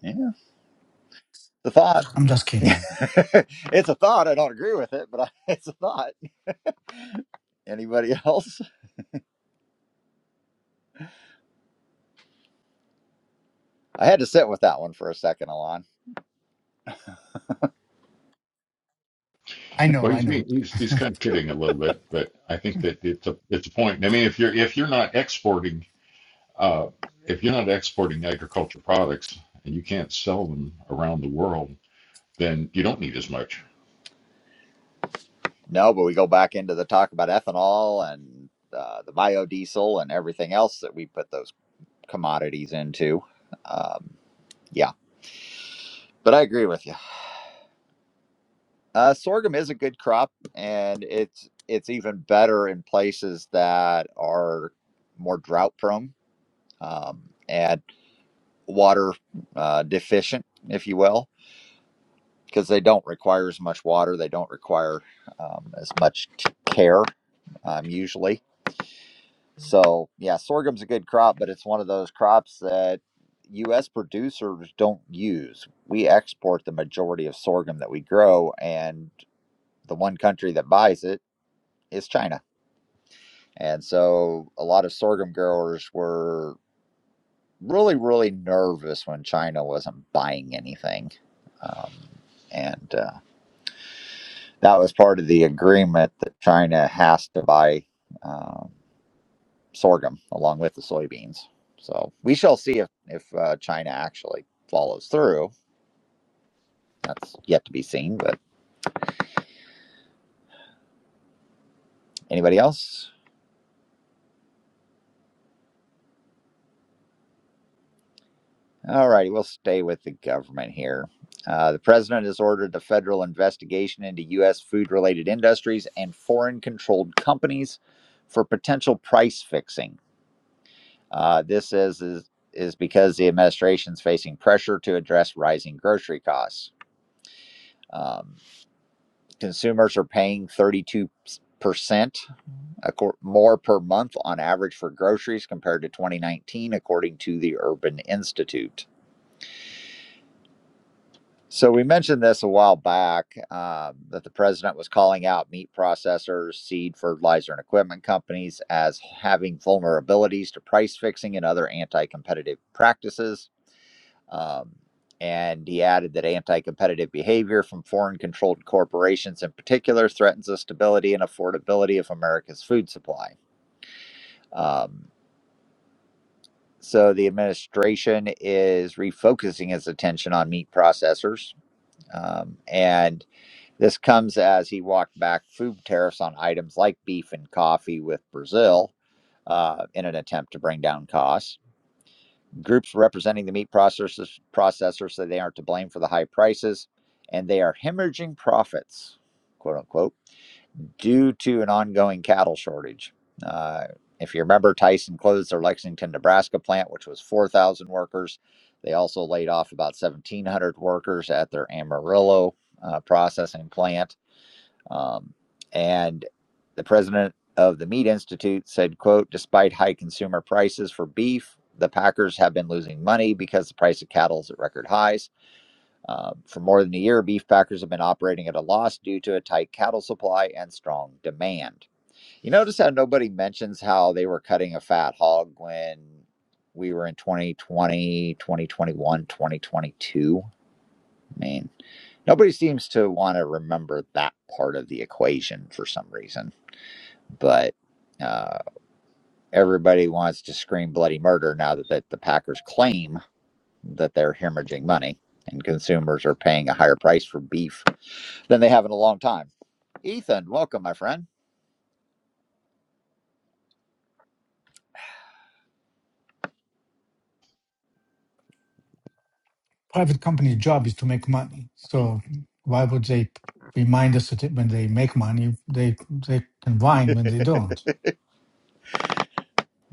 Speaker 2: yeah, the thought.
Speaker 5: i'm just
Speaker 2: [laughs]
Speaker 5: kidding
Speaker 2: it's a thought. I don't agree with it, but I, [laughs] it's a thought. Anybody else? I had to sit with that one for a second, Alon.
Speaker 5: i know
Speaker 4: Well,
Speaker 5: i
Speaker 4: he's
Speaker 5: know
Speaker 4: being he's he's kind of kidding a little bit, but I think that it's a it's a point. I mean, if you're if you're not exporting Uh, if you're not exporting agricultural products and you can't sell them around the world, then you don't need as much.
Speaker 2: No, but we go back into the talk about ethanol and uh, the biodiesel and everything else that we put those commodities into. Um, yeah, but I agree with you. Uh, sorghum is a good crop, and it's it's even better in places that are more drought prone um, and water uh, deficient, if you will, because they don't require as much water. They don't require um, as much c- care um, usually. So yeah, sorghum's a good crop, but it's one of those crops that U.S. producers don't use. We export the majority of sorghum that we grow, and the one country that buys it is China. And so a lot of sorghum growers were really, really nervous when China wasn't buying anything. Um, and uh, that was part of the agreement that China has to buy um, sorghum along with the soybeans. So we shall see if, if uh, China actually follows through. That's yet to be seen. But anybody else? All righty, we'll stay with the government here. Uh, the president has ordered a federal investigation into U.S. food related industries and foreign controlled companies for potential price fixing. Uh, this is, is, is because the administration is facing pressure to address rising grocery costs. Um, consumers are paying 32% more per month on average for groceries compared to 2019, according to the Urban Institute. So we mentioned this a while back um, that the president was calling out meat processors, seed, fertilizer, and equipment companies as having vulnerabilities to price fixing and other anti-competitive practices. Um, and he added that anti-competitive behavior from foreign-controlled corporations, in particular, threatens the stability and affordability of America's food supply. Um, so the administration is refocusing its attention on meat processors um, and This comes as he walked back food tariffs on items like beef and coffee with Brazil uh, in an attempt to bring down costs. Groups representing the meat processors, processors say they aren't to blame for the high prices and they are hemorrhaging profits, quote unquote, due to an ongoing cattle shortage. Uh, if you remember, Tyson closed their Lexington, Nebraska plant, which was 4,000 workers. They also laid off about 1,700 workers at their Amarillo uh, processing plant um, and the president of the Meat Institute said, quote, despite high consumer prices for beef, the packers have been losing money because the price of cattle is at record highs. Uh, for more than a year, beef packers have been operating at a loss due to a tight cattle supply and strong demand. You notice how nobody mentions how they were cutting a fat hog when we were in 2020 2021 2022. I mean. Nobody seems to want to remember that part of the equation for some reason, but uh, everybody wants to scream bloody murder now that, that the Packers claim that they're hemorrhaging money and consumers are paying a higher price for beef than they have in a long time. Ethan, welcome, my friend.
Speaker 5: private company job is to make money. So why would they remind us that when they make money, they they can whine when
Speaker 2: [laughs]
Speaker 5: they don't?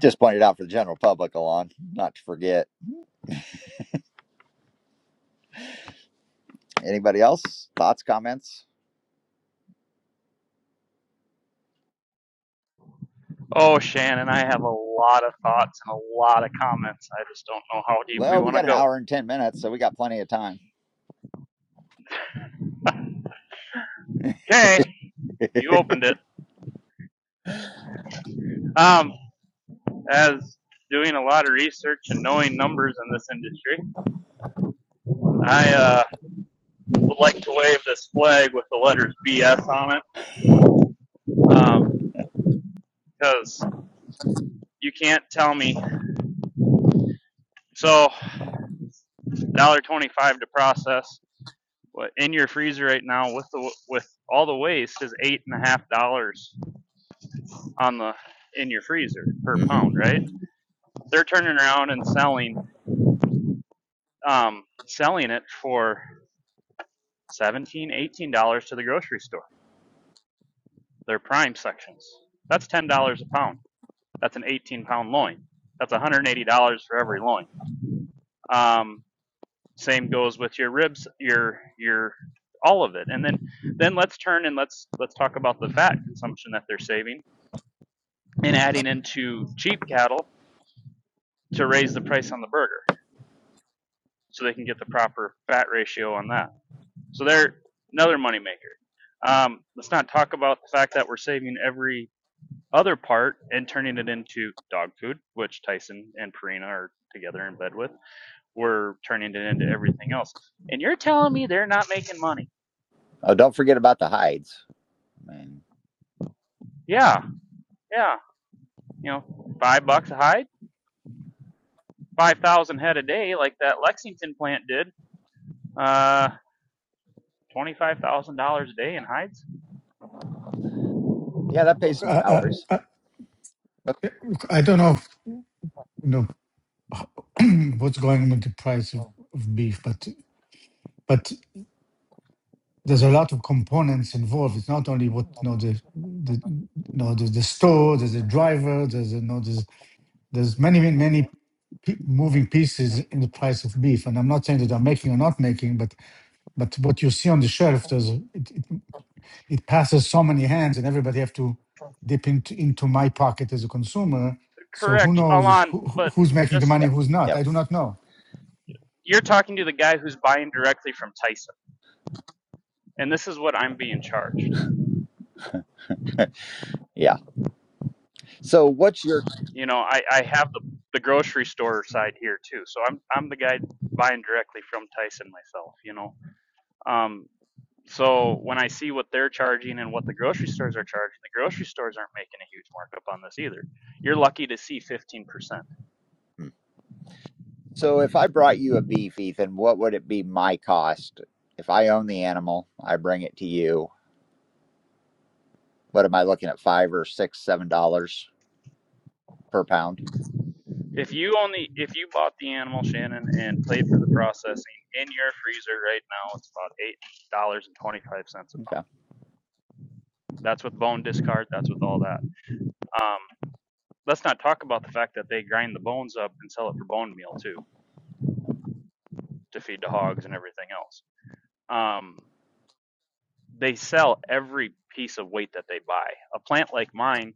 Speaker 2: Just pointed out for the general public, Alon, not to forget. Anybody else? Thoughts, comments?
Speaker 7: Oh, Shannon, I have a lot of thoughts and a lot of comments. I just don't know how deep we
Speaker 2: Well, we
Speaker 7: want to
Speaker 2: got an
Speaker 7: go.
Speaker 2: hour and 10 minutes, so we got plenty of time.
Speaker 7: Okay, you opened it. Um, as doing a lot of research and knowing numbers in this industry, I uh, would like to wave this flag with the letters BS on it um, because you can't tell me. So, one dollar twenty-five to process. What in your freezer right now with the with all the waste is eight and a half dollars on the in your freezer per
Speaker 2: hmm
Speaker 7: pound, right? they're turning around and selling um, selling it for 17 eighteen dollars to the grocery store. Their prime sections. That's ten dollars a pound. That's an 18 pound loin. That's 180 dollars for every loin. Um, same goes with your ribs, your your all of it. And then then let's turn and let's let's talk about the fat consumption that they're saving and adding into cheap cattle to raise the price on the burger so they can get the proper fat ratio on that. So they're another moneymaker. Um, let's not talk about the fact that we're saving every other part and turning it into dog food, which Tyson and Purina are together in bed with. We're turning it into everything else. And you're telling me they're not making money.
Speaker 2: Oh, don't forget about the hides. I mean,
Speaker 7: Yeah, yeah. You know, five bucks a hide, 5,000 head a day, like that Lexington plant did. Uh, $25,000 a day in hides?
Speaker 2: yeah, that pays
Speaker 5: Okay,
Speaker 2: some
Speaker 5: I,
Speaker 2: salaries.
Speaker 5: I, I, I don't know, if, you know [clears throat] what's going on with the price of, of beef, but but there's a lot of components involved. It's not only what you know the the you know the, the store, there's a driver, there's a, you know there's there's many many many pe- moving pieces in the price of beef. And I'm not saying that I'm making or not making, but But what you see on the shelf, does it, it, it passes so many hands, and everybody have to dip into, into my pocket as a consumer. So who
Speaker 7: Correct,
Speaker 5: knows
Speaker 7: Alon,
Speaker 5: who, who-
Speaker 7: but
Speaker 5: who's making the
Speaker 7: just,
Speaker 5: money,
Speaker 2: Yep.
Speaker 5: who's not?
Speaker 2: Yep.
Speaker 5: I do not know.
Speaker 7: you're talking to the guy who's buying directly from Tyson and this is what I'm being charged.
Speaker 2: Yeah. So what's your
Speaker 7: You know, I, I have the, the grocery store side here too, so I'm I'm the guy buying directly from Tyson myself. You know, um, so when I see what they're charging and what the grocery stores are charging, the grocery stores aren't making a huge markup on this either. You're lucky to see 15%.
Speaker 2: hmm. so if I brought you a beef, Ethan, what would it be my cost? If I own the animal, I bring it to you. What am I looking at? Five or six, seven dollars per pound.
Speaker 7: If you only if you bought the animal Shannon and paid for the processing in your freezer right now, it's about eight dollars and twenty five cents a
Speaker 2: Okay.
Speaker 7: pound. That's with bone discard. That's with all that. Um, let's not talk about the fact that they grind the bones up and sell it for bone meal too to feed the hogs and everything else um, they sell every piece of weight that they buy a plant like mine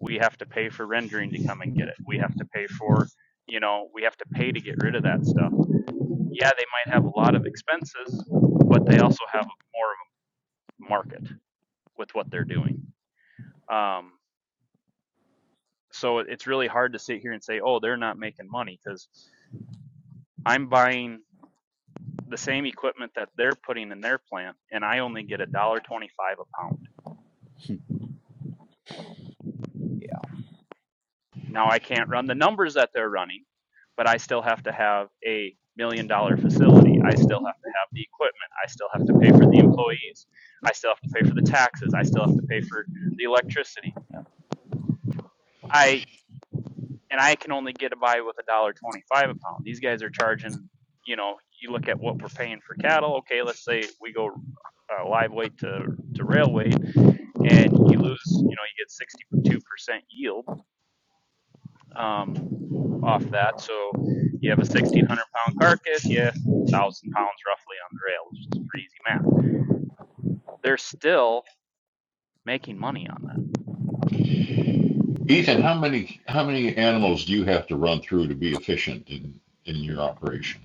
Speaker 7: we have to pay for rendering to come and get it we have to pay for you know we have to pay to get rid of that stuff yeah they might have a lot of expenses but they also have more of a market with what they're doing um, so it's really hard to sit here and say oh they're not making money because i'm buying the same equipment that they're putting in their plant, and I only get a dollar twenty-five a pound.
Speaker 2: Yeah.
Speaker 7: Now I can't run the numbers that they're running, but I still have to have a million dollar facility. I still have to have the equipment. I still have to pay for the employees. I still have to pay for the taxes. I still have to pay for the electricity.
Speaker 2: Yeah.
Speaker 7: I and I can only get by with a dollar twenty-five a pound. These guys are charging. You know, you look at what we're paying for cattle. Okay, let's say we go uh, live weight to to rail weight and you lose, you know, you get 62% yield um, off that. So you have a 1,600 pound carcass, you 1,000 pounds roughly on the rail, which is pretty easy math. They're still making money on that.
Speaker 4: Ethan, how many how many animals do you have to run through to be efficient in in your operation?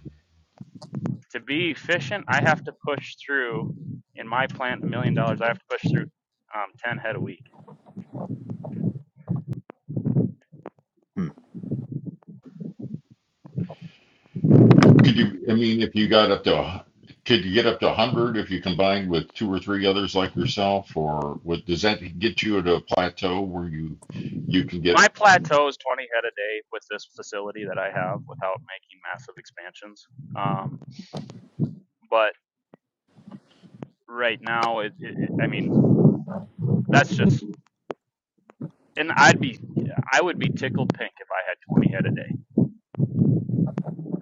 Speaker 7: To be efficient, I have to push through, in my plant, a million dollars, I have to push through um, 10 head a week.
Speaker 2: Hmm.
Speaker 4: Could you? I mean, if you got up to a could you get up to 100 if you combined with two or three others like yourself or what does that get you at a plateau where you you can get
Speaker 7: My plateau is 20 head a day with this facility that I have without making massive expansions. Um, but right now, it, it- I mean, that's just and I'd be, I would be tickled pink if I had 20 head a day.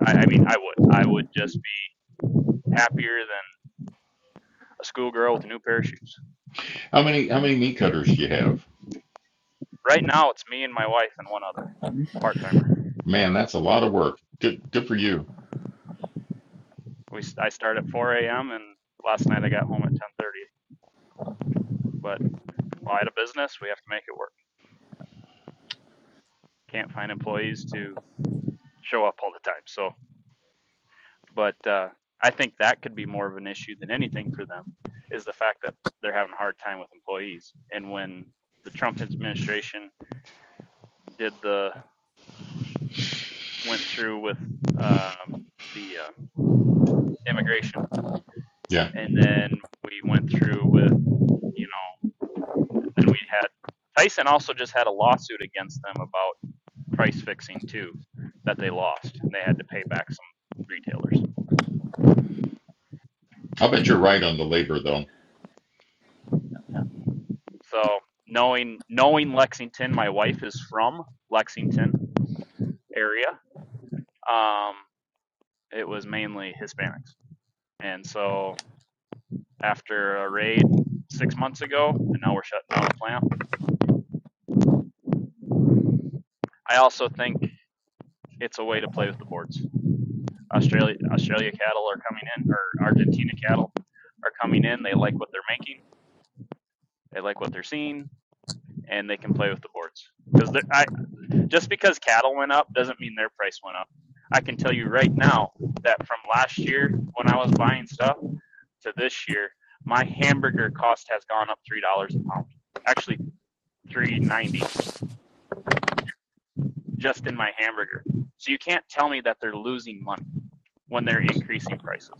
Speaker 7: I, I mean, I would, I would just be happier than a schoolgirl with a new pair of shoes.
Speaker 4: how many how many meat cutters do you have
Speaker 7: Right now, it's me and my wife and one other part timer.
Speaker 4: man that's a lot of work good good for you
Speaker 7: We, I start at 4 a.m. and last night I got home at 10:30. But while I had a business, we have to make it work. Can't find employees to show up all the time. So, but uh, I think that could be more of an issue than anything for them is the fact that they're having a hard time with employees. And when the Trump administration did the went through with um, the uh, immigration,
Speaker 4: yeah
Speaker 7: and then we went through with you know, then we had Tyson also just had a lawsuit against them about price fixing too, that they lost, and they had to pay back some retailers.
Speaker 4: i'll bet you're right on the labor though
Speaker 7: So knowing knowing Lexington, my wife is from Lexington area. Um, it was mainly Hispanics, and so after a raid six months ago, and now we're shutting down a plant. I also think it's a way to play with the boards. Australia Australia cattle are coming in, or Argentina cattle are coming in. They like what they're making, they like what they're seeing, and they can play with the boards. Because I just because cattle went up doesn't mean their price went up. I can tell you right now that from last year when I was buying stuff to this year, my hamburger cost has gone up three dollars a pound. Actually, three ninety just in my hamburger. So you can't tell me that they're losing money when they're increasing prices.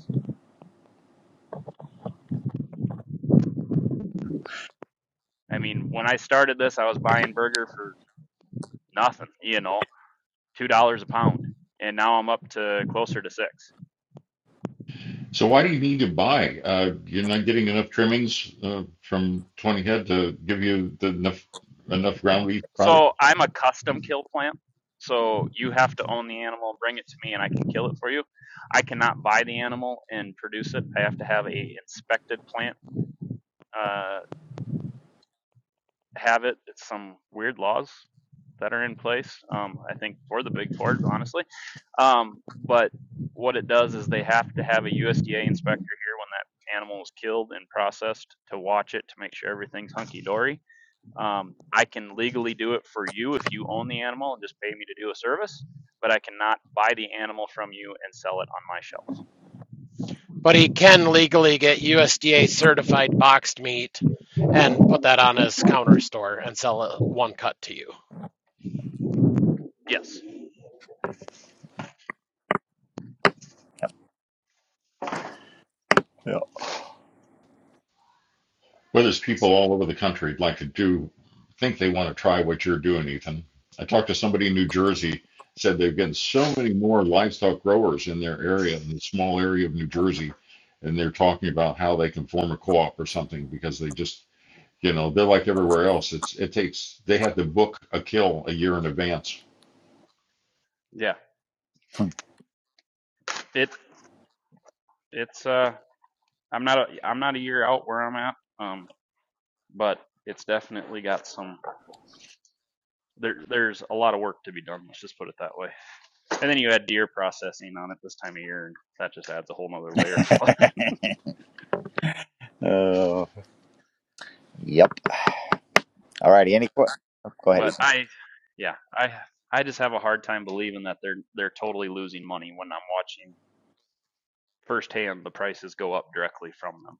Speaker 7: I mean, when I started this, I was buying burger for nothing, you know, two dollars a pound, and now I'm up to closer to six.
Speaker 4: So why do you need to buy? Uh, you're not getting enough trimmings uh, from 20 head to give you the enough enough ground beef product.
Speaker 7: So I'm a custom kill plant. So you have to own the animal, bring it to me, and I can kill it for you. I cannot buy the animal and produce it. I have to have a inspected plant uh, have it. It's some weird laws that are in place. Um, I think for the big four, honestly. Um, but what it does is they have to have a USDA inspector here when that animal is killed and processed to watch it to make sure everything's hunky dory. Um, I can legally do it for you if you own the animal and just pay me to do a service, but I cannot buy the animal from you and sell it on my shelf.
Speaker 8: But he can legally get USDA certified boxed meat and put that on his counter store and sell it one cut to you.
Speaker 7: Yes.
Speaker 2: Yeah.
Speaker 4: Well, there's people all over the country like to do think they want to try what you're doing, Ethan. I talked to somebody in New Jersey said they've gotten so many more livestock growers in their area in the small area of New Jersey, and they're talking about how they can form a co-op or something because they just you know they're like everywhere else. It's it takes they have to book a kill a year in advance
Speaker 7: Yeah. It. It's. Uh. I'm not. A, I'm not a year out where I'm at. Um. but it's definitely got some there there's a lot of work to be done let's just put it that way and then you add deer processing on it this time of year and that just adds a whole nother layer of fun.
Speaker 2: Uh, Yep. All righty. Any que- oh,
Speaker 7: [laughs]
Speaker 2: go ahead,
Speaker 7: but
Speaker 2: Ethan.
Speaker 7: i yeah i i just have a hard time believing that they're they're totally losing money when i'm watching firsthand the prices go up directly from them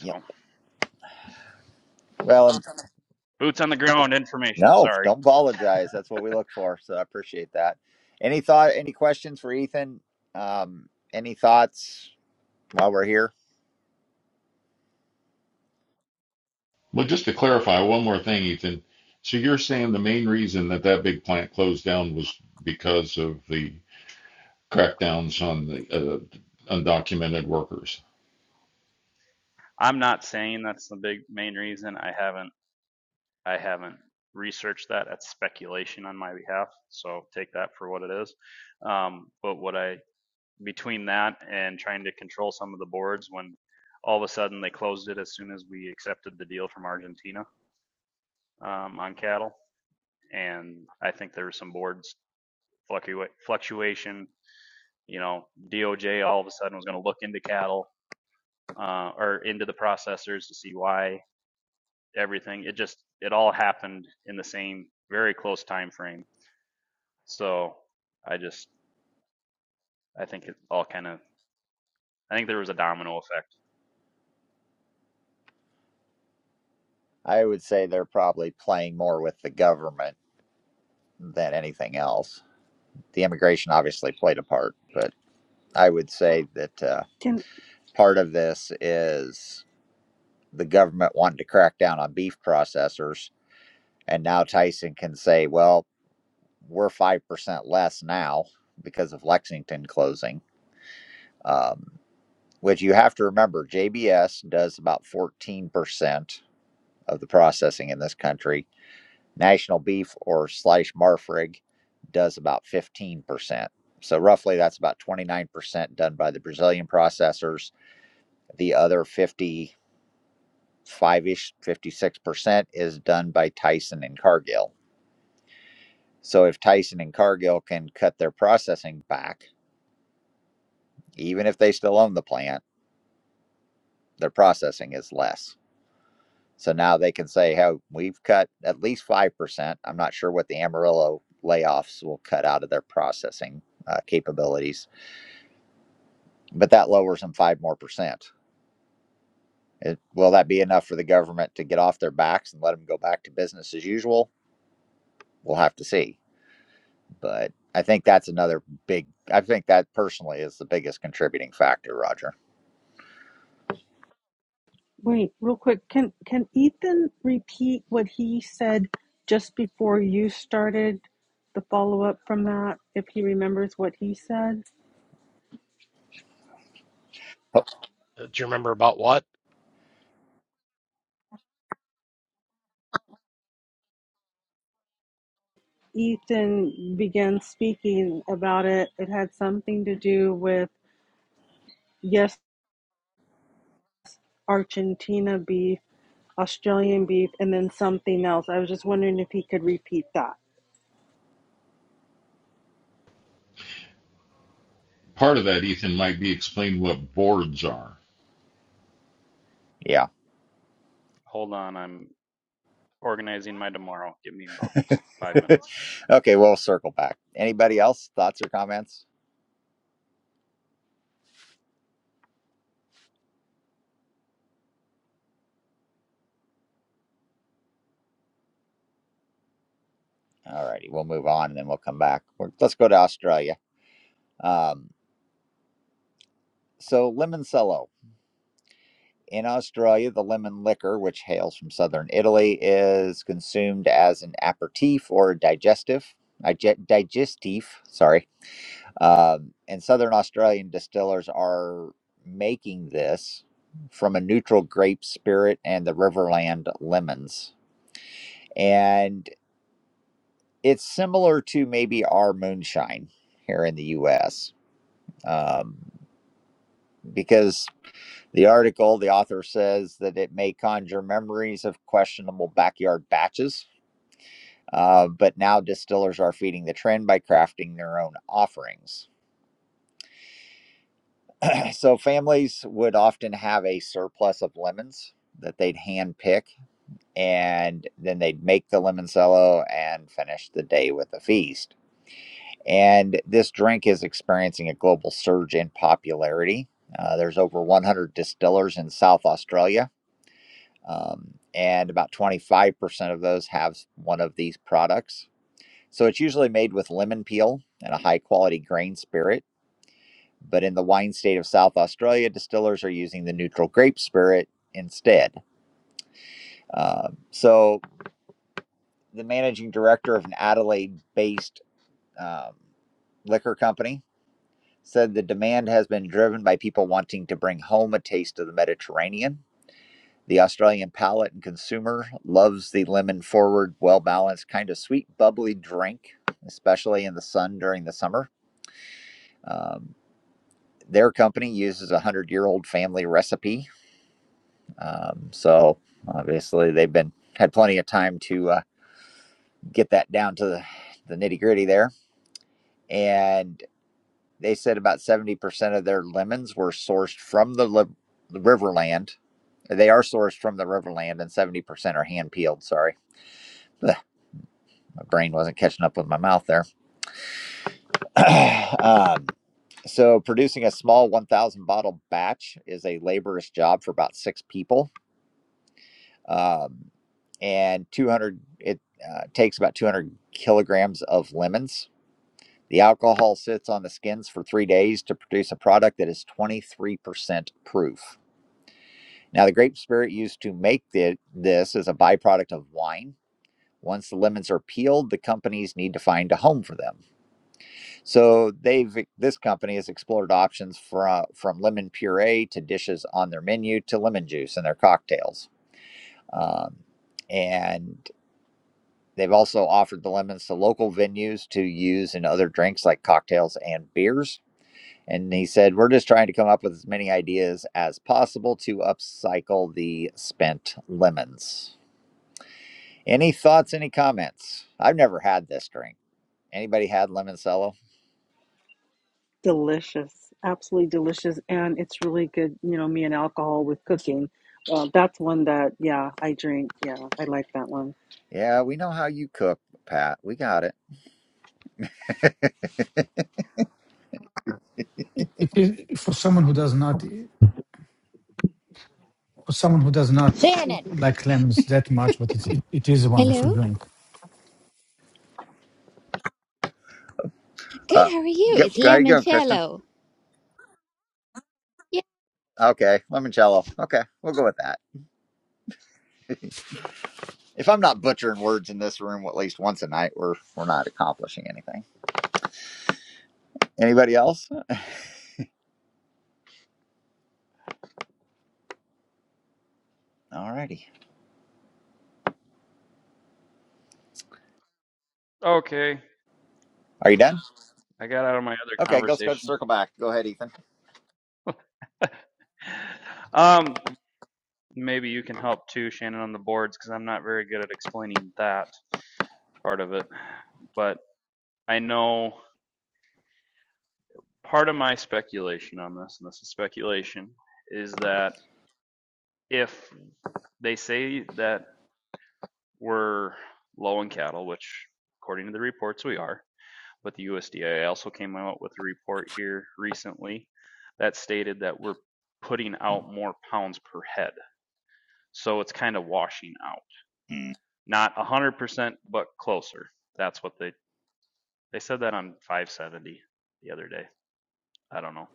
Speaker 2: Yep. Well,
Speaker 7: boots on the ground information
Speaker 2: no,
Speaker 7: sorry
Speaker 2: don't apologize. That's what we look for. So I appreciate that. Any thought? Any questions for Ethan? Um, any thoughts while we're here?
Speaker 4: Well, just to clarify one more thing, Ethan. So you're saying the main reason that that big plant closed down was because of the crackdowns on the uh, undocumented workers.
Speaker 7: i'm not saying that's the big main reason i haven't I haven't researched that. That's speculation on my behalf, so take that for what it is. Um, but what I between that and trying to control some of the boards when all of a sudden they closed it as soon as we accepted the deal from Argentina um, on cattle, and I think there was some boards fluctua- fluctuation. You know, DOJ all of a sudden was going to look into cattle uh, or into the processors to see why everything. It just it all happened in the same very close time frame So I just I think it all kind of I think there was a domino effect.
Speaker 2: I would say they're probably playing more with the government than anything else. The immigration obviously played a part, but I would say that uh,
Speaker 9: Can
Speaker 2: part of this is the government wanted to crack down on beef processors. And now Tyson can say, well, we're 5% less now because of Lexington closing, um, which you have to remember JBS does about 14% of the processing in this country National beef or slash Marfrig does about 15%. So roughly that's about 29% done by the Brazilian processors. The other 55-ish, 56% is done by Tyson and Cargill. So if Tyson and Cargill can cut their processing back, even if they still own the plant, their processing is less. So now they can say, hey, we've cut at least 5%. I'm not sure what the Amarillo layoffs will cut out of their processing uh, capabilities but that lowers them five more percent. It, will that be enough for the government to get off their backs and let them go back to business as usual? We'll have to see. But I think that's another big. I think that personally is the biggest contributing factor, Roger.
Speaker 9: wait real quick. Can can Ethan repeat what he said just before you started the follow up from that? If he remembers what he said,
Speaker 2: Oh,
Speaker 8: Uh, Do you remember about what?
Speaker 9: Ethan began speaking about it. It had something to do with yes, Argentina beef, Australian beef, and then something else. I was just wondering if he could repeat that.
Speaker 4: Part of that, Ethan, might be explain what boards are
Speaker 2: yeah.
Speaker 7: Hold on, I'm organizing my tomorrow. Give me about five minutes.
Speaker 2: [laughs] okay, we'll circle back. Anybody else? Thoughts or comments? All righty, we'll move on and then we'll come back. We're, let's go to Australia. Um, so, Limoncello. In Australia, the lemon liquor, which hails from southern Italy, is consumed as an aperitif or digestive. dige- Digestif, sorry. Um, and southern Australian distillers are making this from a neutral grape spirit and the Riverland lemons. And it's similar to maybe our moonshine here in the US um, because The article, the author says that it may conjure memories of questionable backyard batches, uh, but now distillers are feeding the trend by crafting their own offerings. [clears throat] so families would often have a surplus of lemons that they'd hand pick, and then they'd make the limoncello and finish the day with a feast. And this drink is experiencing a global surge in popularity. Uh, there's over 100 distillers in South Australia um, and about 25% of those have one of these products. So it's usually made with lemon peel and a high quality grain spirit, but in the wine state of South Australia, distillers are using the neutral grape spirit instead. Um, so the managing director of an Adelaide based um, liquor company said the demand has been driven by people wanting to bring home a taste of the Mediterranean The Australian palate and consumer loves the lemon forward, well balanced, kind of sweet, bubbly drink, especially in the sun during the summer. Um, their company uses a hundred year old family recipe. Um, so obviously they've been had plenty of time to uh, get that down to the, the nitty gritty there. And they said about 70% of their lemons were sourced from the, li- the riverland. They are sourced from the riverland and 70% are hand peeled. Sorry. [laughs] my brain wasn't catching up with my mouth there. [clears throat] um, so, producing a small 1,000 bottle batch is a laborious job for about six people, um, and 200 it uh, takes about 200 kilograms of lemons. The alcohol sits on the skins for three days to produce a product that is 23% proof. Now, the grape spirit used to make the, this is a byproduct of wine. Once the lemons are peeled, the companies need to find a home for them. So they've this company has explored options from from lemon puree to dishes on their menu to lemon juice in their cocktails, um, and they've also offered the lemons to local venues to use in other drinks like cocktails and beers. And he said, "We're just trying to come up with as many ideas as possible to upcycle the spent lemons." Any thoughts? Any comments? I've never had this drink. Anybody had lemoncello?
Speaker 9: Delicious, absolutely delicious, and it's really good. You know, me and alcohol with cooking. Uh, that's one that, yeah, I drink. Yeah, I like that one.
Speaker 2: Yeah, we know how you cook, Pat. We got it.
Speaker 5: It is for someone who does not for someone who does not
Speaker 10: Shannon.
Speaker 5: like lemons that much, but it's, it, it is a wonderful
Speaker 10: Hello.
Speaker 5: drink.
Speaker 10: Good.
Speaker 2: Uh,
Speaker 10: How are you?
Speaker 2: go,
Speaker 10: It's
Speaker 2: go, how you going, Kristen?
Speaker 10: Lemoncello. Yay!
Speaker 2: Okay, limoncello. Okay, we'll go with that. If I'm not butchering words in this room at least once a night, we're we're not accomplishing anything. Anybody else? Alrighty.
Speaker 7: Okay,
Speaker 2: Are you done?
Speaker 7: I got out of my other
Speaker 2: Okay, go let's go to
Speaker 7: conversation.
Speaker 2: circle back. Go ahead, Ethan.
Speaker 7: [laughs] um, maybe you can help too, Shannon, on the boards because I'm not very good at explaining that part of it. But I know part of my speculation on this, and this is speculation, is that if they say that we're low in cattle, which according to the reports we are. But the USDA also came out with a report here recently that stated that we're putting out more pounds per head. So it's kind of washing out.
Speaker 2: Mm,
Speaker 7: Not 100%, but closer. That's what they they said that on 570 the other day. I don't know.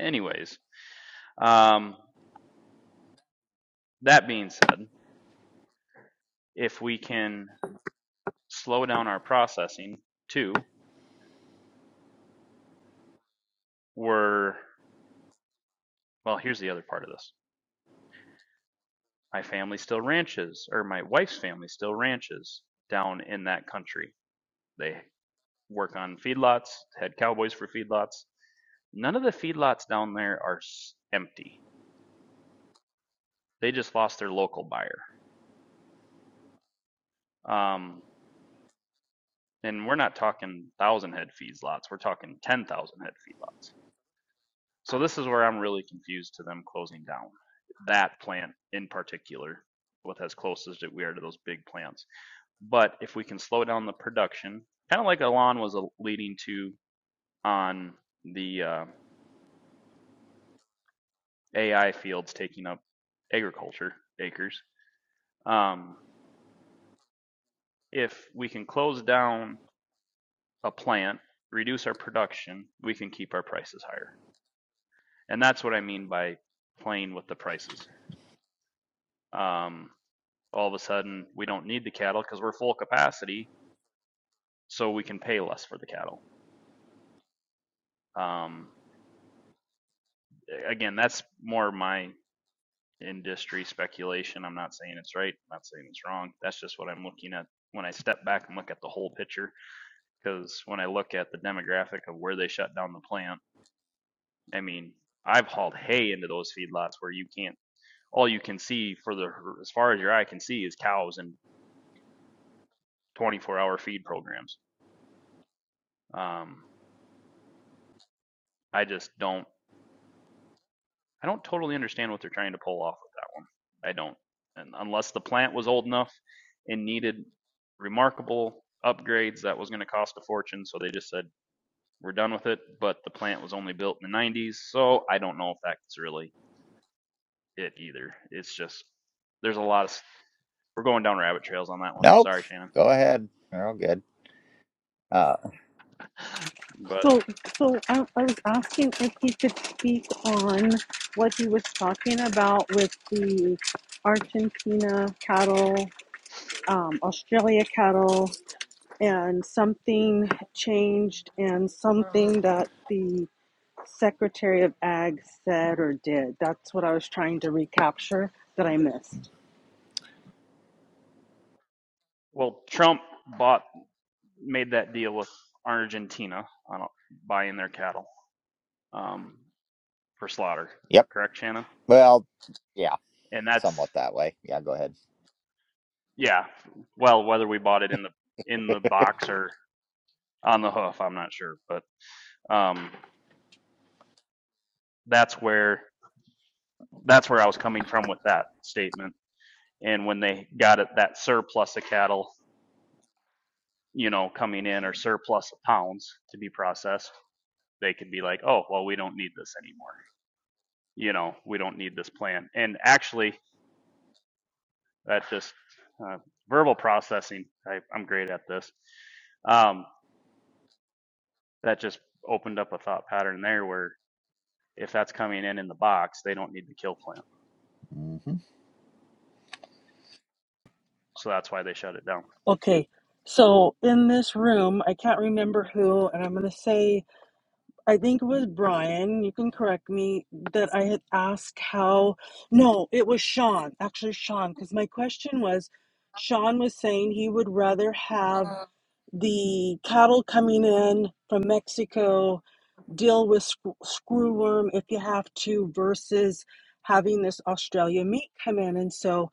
Speaker 7: Anyways, um, that being said, if we can slow down our processing too, we're well, here's the other part of this My family still ranches, or my wife's family still ranches down in that country. They work on feedlots, had cowboys for feedlots. None of the feedlots down there are s- empty. They just lost their local buyer. Um, and we're not talking thousand head feedlots. We're talking ten thousand head feedlots. So this is where I'm really confused to them closing down that plant in particular, with as close as we are to those big plants But if we can slow down the production, kind of like Elon was uh, leading to on the uh, AI fields taking up agriculture acres, um, if we can close down a plant, reduce our production, we can keep our prices higher. And that's what I mean by playing with the prices. Um, all of a sudden, we don't need the cattle because we're full capacity, so we can pay less for the cattle. Um, again, that's more my industry speculation. I'm not saying it's right. I'm not saying it's wrong. That's just what I'm looking at when I step back and look at the whole picture. Because when I look at the demographic of where they shut down the plant, I mean, I've hauled hay into those feedlots where you can't. All you can see for the as far as your eye can see is cows and 24-hour feed programs. Um, I just don't. I don't totally understand what they're trying to pull off with that one. I don't. And unless the plant was old enough and needed remarkable upgrades that was going to cost a fortune, so they just said we're done with it. But the plant was only built in the 90s, so I don't know if that's really it either. It's just there's a lot of we're going down rabbit trails on that one.
Speaker 2: Nope.
Speaker 7: Sorry, Shannon.
Speaker 2: Go ahead. You're all good. Uh,
Speaker 7: But
Speaker 9: So, so I, I was asking if he could speak on what he was talking about with the Argentina cattle, um, Australia cattle, and something changed, and something that the Secretary of Ag said or did. That's what I was trying to recapture that I missed.
Speaker 7: well, Trump bought made that deal with Argentina on buying their cattle um, for slaughter.
Speaker 2: yep.
Speaker 7: Correct, Shannon?
Speaker 2: Well, yeah,
Speaker 7: and that's
Speaker 2: somewhat that way. Yeah, go ahead.
Speaker 7: yeah. Well, whether we bought it in the in the box or on the hoof, I'm not sure, but um, that's where that's where I was coming from with that statement. And when they got it, that surplus of cattle, you know, coming in or surplus of pounds to be processed, they could be like, oh, well, we don't need this anymore. You know, we don't need this plan. And actually, that just uh, verbal processing. I, I'm great at this. Um, that just opened up a thought pattern there where if that's coming in in the box, they don't need the kill plant.
Speaker 2: hmm
Speaker 7: So that's why they shut it down.
Speaker 9: Okay, so in this room, I can't remember who, and I'm going to say, I think it was Brian, you can correct me, that I had asked how. No, it was Sean, actually, Sean, because my question was Sean was saying he would rather have the cattle coming in from Mexico deal with sc- screwworm if you have to versus having this Australia meat come in. And so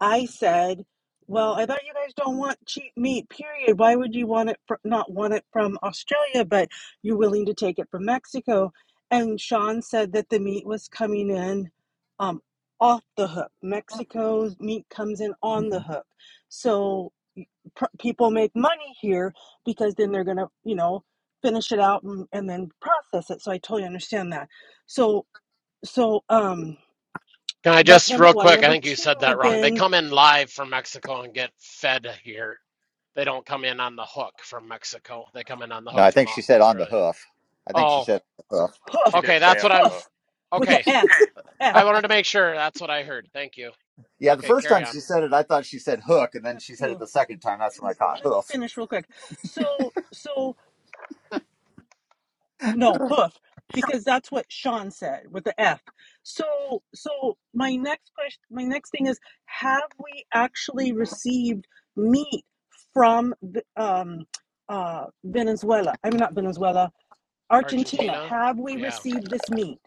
Speaker 9: I said, well, I thought you guys don't want cheap meat, period. Why would you want it fr- not want it from Australia, but you're willing to take it from Mexico? And Sean said that the meat was coming in um, off the hook. Mexico's meat comes in on the
Speaker 2: hmm
Speaker 9: hook. So pr- people make money here because then they're going to, you know, finish it out and, and then process it so i totally understand that so so um
Speaker 8: Can I
Speaker 9: that's
Speaker 8: just
Speaker 9: number
Speaker 8: real
Speaker 9: one
Speaker 8: quick? I
Speaker 9: number
Speaker 8: think you said that
Speaker 9: two
Speaker 8: wrong. They
Speaker 9: then
Speaker 8: come in live from Mexico and get fed here. They don't come in on the hook from Mexico. They come in on the
Speaker 2: No, I
Speaker 8: hook
Speaker 2: think
Speaker 8: from Au-
Speaker 2: she said on the
Speaker 8: Australia.
Speaker 2: hoof. I think she
Speaker 8: Oh,
Speaker 2: said hoof.
Speaker 9: hoof
Speaker 7: She did
Speaker 8: okay.
Speaker 2: Hoof.
Speaker 7: say
Speaker 8: That's
Speaker 7: on
Speaker 8: what I'm.
Speaker 7: the hook.
Speaker 9: hoof with the
Speaker 8: Okay.
Speaker 9: f f
Speaker 8: I wanted to make sure that's what I heard. Thank you.
Speaker 2: Yeah, the
Speaker 8: Okay,
Speaker 2: first
Speaker 8: carry
Speaker 2: time
Speaker 8: on.
Speaker 2: she said it, I thought she said hook, and
Speaker 9: breaking
Speaker 2: then
Speaker 9: up
Speaker 2: she said it
Speaker 9: too
Speaker 2: the second time. That's when I
Speaker 9: but
Speaker 2: caught
Speaker 9: let me
Speaker 2: hoof.
Speaker 9: finish real quick so so no hoof because that's what sean said with the f so so my next question my next thing is have we actually received meat from um uh venezuela i mean not venezuela Argentina,
Speaker 8: Argentina?
Speaker 9: have we
Speaker 8: Yeah.
Speaker 9: received this meat?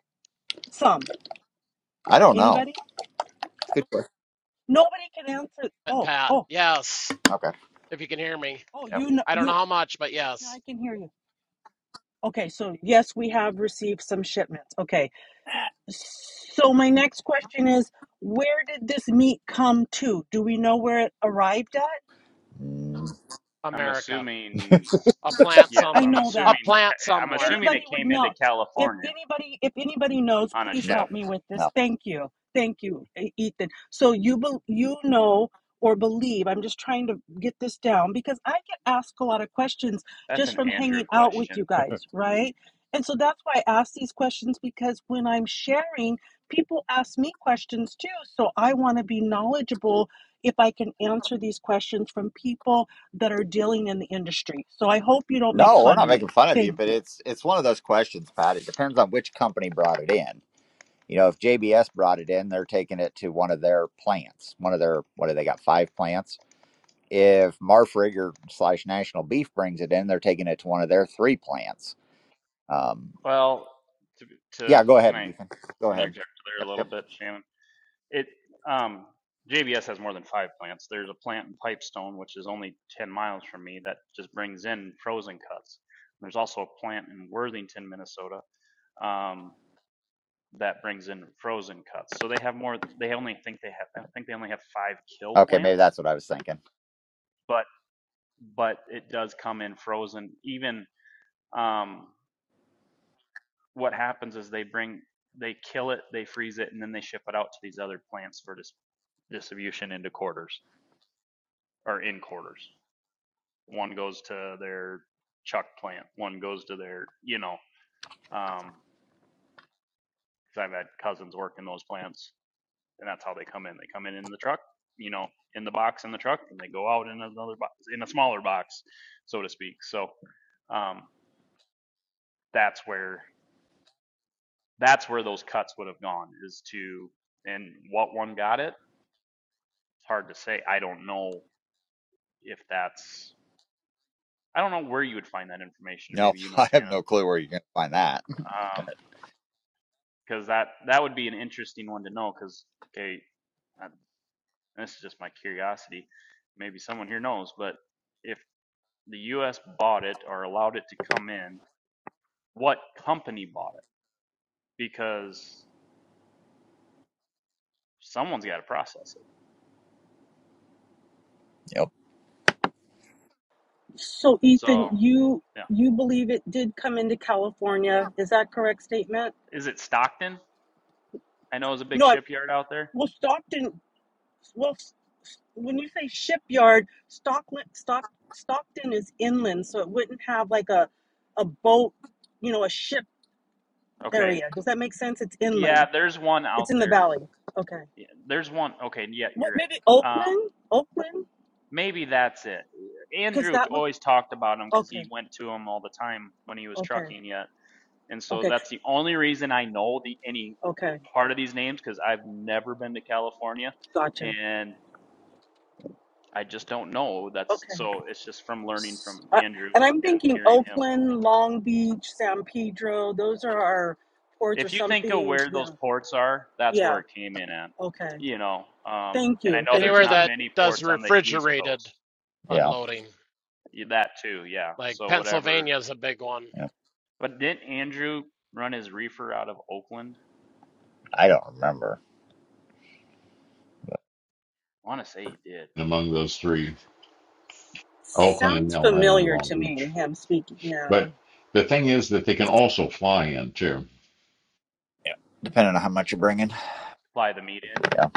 Speaker 9: Some.
Speaker 2: I don't know.
Speaker 9: Anybody?
Speaker 2: Good question.
Speaker 9: Nobody can answer. Oh,
Speaker 8: Pat,
Speaker 9: oh,
Speaker 8: yes,
Speaker 2: Okay.
Speaker 8: if you can hear me.
Speaker 9: oh,
Speaker 2: Yep.
Speaker 9: you know,
Speaker 8: I don't know
Speaker 9: you,
Speaker 8: how much, but
Speaker 9: yes, now I
Speaker 8: yes,
Speaker 9: can hear you. Okay, so yes, we have received some shipments. Okay. So my next question is where did this meat come to? Do we know where it arrived at?
Speaker 2: Mm,
Speaker 7: I'm
Speaker 8: America.
Speaker 7: assuming,
Speaker 8: A plant
Speaker 7: yeah,
Speaker 8: some
Speaker 7: well,
Speaker 9: I
Speaker 7: I'm
Speaker 9: know
Speaker 8: a
Speaker 9: that.
Speaker 7: assuming,
Speaker 8: plant
Speaker 7: I'm
Speaker 8: somewhere.
Speaker 7: assuming
Speaker 9: anybody
Speaker 7: it
Speaker 9: would
Speaker 7: came into
Speaker 9: know if
Speaker 7: California
Speaker 9: anybody if anybody knows
Speaker 7: on a
Speaker 9: please
Speaker 2: no.
Speaker 7: ship.
Speaker 9: help me with this
Speaker 2: No.
Speaker 9: thank you thank you E- ethan so you bel you know or believe i'm just trying to get this down because i get asked a lot of questions
Speaker 7: That's
Speaker 9: just
Speaker 7: an
Speaker 9: from
Speaker 7: Andrew
Speaker 9: hanging out with
Speaker 7: question.
Speaker 9: you guys right and so that's why i ask these questions because when i'm sharing people ask me questions too so i want to be knowledgeable if i can answer these questions from people that are dealing in the industry so i hope you don't make
Speaker 2: No, we're
Speaker 9: fun
Speaker 2: not
Speaker 9: of
Speaker 2: making
Speaker 9: me
Speaker 2: fun of you,
Speaker 9: thank
Speaker 2: but
Speaker 9: you
Speaker 2: it's it's one of those questions, Pat. It depends on which company brought it in. You know, if JBS brought it in, they're taking it to one of their plants, one of their what do they got? Five plants. If Marfrig or slash National Beef brings it in, they're taking it to one of their three plants. Um,
Speaker 7: Well, to,
Speaker 2: yeah,
Speaker 7: to
Speaker 2: go
Speaker 7: can
Speaker 2: ahead,
Speaker 7: I
Speaker 2: Ethan. Go ahead.
Speaker 7: interject there a
Speaker 2: Yep,
Speaker 7: little
Speaker 2: yep.
Speaker 7: bit, Shannon? It, um, JBS has more than five plants. There's a plant in Pipestone, which is only 10 miles from me, that just brings in frozen cuts. There's also a plant in Worthington, Minnesota, um, that brings in frozen cuts. So they have more. They only think they have. I think they only have five kill
Speaker 2: Okay, maybe
Speaker 7: plants,
Speaker 2: that's what I was thinking.
Speaker 7: but but it does come in frozen. Even um, what happens is they bring they kill it, they freeze it, and then they ship it out to these other plants for dis- distribution into quarters or in quarters. One goes to their chuck plant. One goes to their you know. Um, 'cause I've had cousins work in those plants and that's how they come in. They come in in the truck, you know, in the box in the truck, and they go out in another box, in a smaller box, so to speak. So um, that's where that's where those cuts would have gone is to and what one got it. It's hard to say. I don't know if that's I don't know where you would find that information. and
Speaker 2: No,
Speaker 7: Maybe you
Speaker 2: [laughs]
Speaker 7: know
Speaker 2: I have
Speaker 7: Shannon,
Speaker 2: no clue where you're gonna find that.
Speaker 7: because um, that that would be an interesting one to know. Because okay, I, this is just my curiosity. Maybe someone here knows, but if the U.S. bought it or allowed it to come in, what company bought it? Because someone's got to process it.
Speaker 2: Yep.
Speaker 9: So
Speaker 7: So,
Speaker 9: Ethan, you
Speaker 7: yeah.
Speaker 9: you believe it did come into California? Is that correct statement?
Speaker 7: Is it Stockton? I know it's a big
Speaker 9: No, I,
Speaker 7: shipyard out there.
Speaker 9: well Stockton. Well, s- s- when you say shipyard, Stockton, Stock, Stockton is inland, so it wouldn't have like a a boat, you know, a ship
Speaker 7: Okay.
Speaker 9: area. Does that make sense? It's
Speaker 7: Yeah,
Speaker 9: inland.
Speaker 7: there's one out
Speaker 9: It's in the
Speaker 7: there.
Speaker 9: valley. Okay.
Speaker 7: Yeah, There's one. Okay. Yeah,
Speaker 9: What?
Speaker 7: you're
Speaker 9: Maybe
Speaker 7: right. Um,
Speaker 9: Oakland? Oakland?
Speaker 7: maybe that's it.
Speaker 9: Because
Speaker 7: Andrew
Speaker 9: that would.
Speaker 7: always talked about him because
Speaker 9: Okay.
Speaker 7: he went to him all the time when he was
Speaker 9: Okay.
Speaker 7: trucking yet. And so
Speaker 9: Okay.
Speaker 7: that's the only reason I know the any
Speaker 9: Okay.
Speaker 7: part of these names because I've never been to California
Speaker 9: Gotcha.
Speaker 7: and I just don't know. That's
Speaker 9: Okay.
Speaker 7: so it's just from learning from
Speaker 9: uh,
Speaker 7: Andrew
Speaker 9: and I'm
Speaker 7: and
Speaker 9: thinking
Speaker 7: hearing him.
Speaker 9: Oakland, Long Beach, San Pedro. Those are our ports or
Speaker 7: If you think of
Speaker 9: something.
Speaker 7: where those
Speaker 9: Yeah.
Speaker 7: ports are, that's where
Speaker 9: Yeah.
Speaker 7: it came in at.
Speaker 9: Okay.
Speaker 7: You know, um,
Speaker 9: Thank
Speaker 7: and I
Speaker 9: you.
Speaker 7: know
Speaker 9: Thank
Speaker 7: there's
Speaker 9: you.
Speaker 8: Anywhere
Speaker 7: not
Speaker 9: Thank
Speaker 8: that
Speaker 9: you.
Speaker 7: many
Speaker 8: does
Speaker 7: ports on the East
Speaker 8: refrigerated
Speaker 7: Coast.
Speaker 2: Yeah.
Speaker 8: unloading.
Speaker 7: Yeah, That too, yeah.
Speaker 8: Like
Speaker 7: So whatever.
Speaker 8: Pennsylvania is a big one.
Speaker 2: yeah.
Speaker 7: But didn't Andrew run his reefer out of Oakland?
Speaker 2: I don't remember.
Speaker 7: I want to say he did.
Speaker 4: among those three, Oakland and
Speaker 9: Sounds
Speaker 4: LA or
Speaker 9: familiar
Speaker 4: Long
Speaker 9: to me,
Speaker 4: Beach.
Speaker 9: him speaking. Yeah.
Speaker 4: But the thing is that they can also fly in too.
Speaker 2: Yeah. depending on how much you're bringing.
Speaker 7: Fly the meat in.
Speaker 2: Yeah.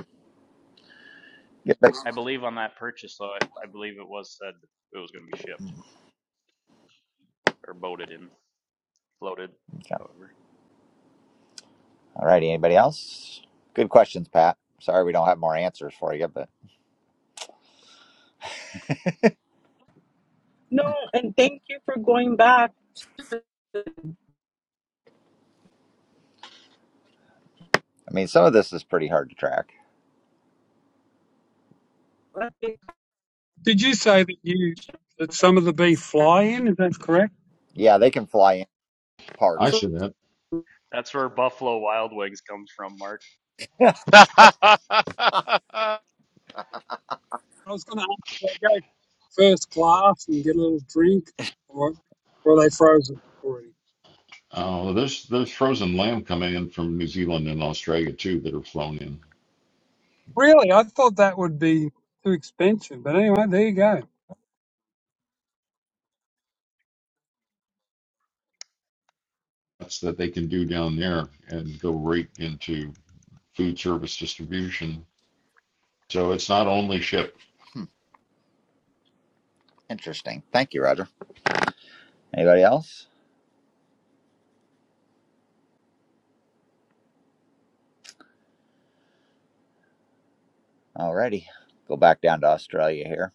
Speaker 2: Get back.
Speaker 7: I believe on that purchase, though, I, I believe it was said it was going to be shipped or boated in, floated,
Speaker 2: Okay.
Speaker 7: however.
Speaker 2: All righty. Anybody else? Good questions, Pat. Sorry we don't have more answers for you, but
Speaker 9: No, and thank you for going back.
Speaker 2: I mean, some of this is pretty hard to track.
Speaker 9: I think
Speaker 3: Did you say that you that some of the beef fly in? Is that correct?
Speaker 2: Yeah, they can fly in
Speaker 4: I
Speaker 2: parts. [laughs]
Speaker 4: should have.
Speaker 7: That's where Buffalo Wild Wings comes from, Mark.
Speaker 2: Yeah.
Speaker 8: [laughs]
Speaker 3: I was going to ask, do I go first class and get a little drink, or, or are they frozen already?
Speaker 4: Uh, there's there's frozen lamb coming in from New Zealand and Australia too that are flown in.
Speaker 3: Really, I thought that would be too expensive. But anyway, there you go.
Speaker 4: That's that they can do down there and go right into food service distribution. So it's not only shipped
Speaker 2: Hmm, Interesting. Thank you, Roger. Anybody else? All righty. Go back down to Australia here.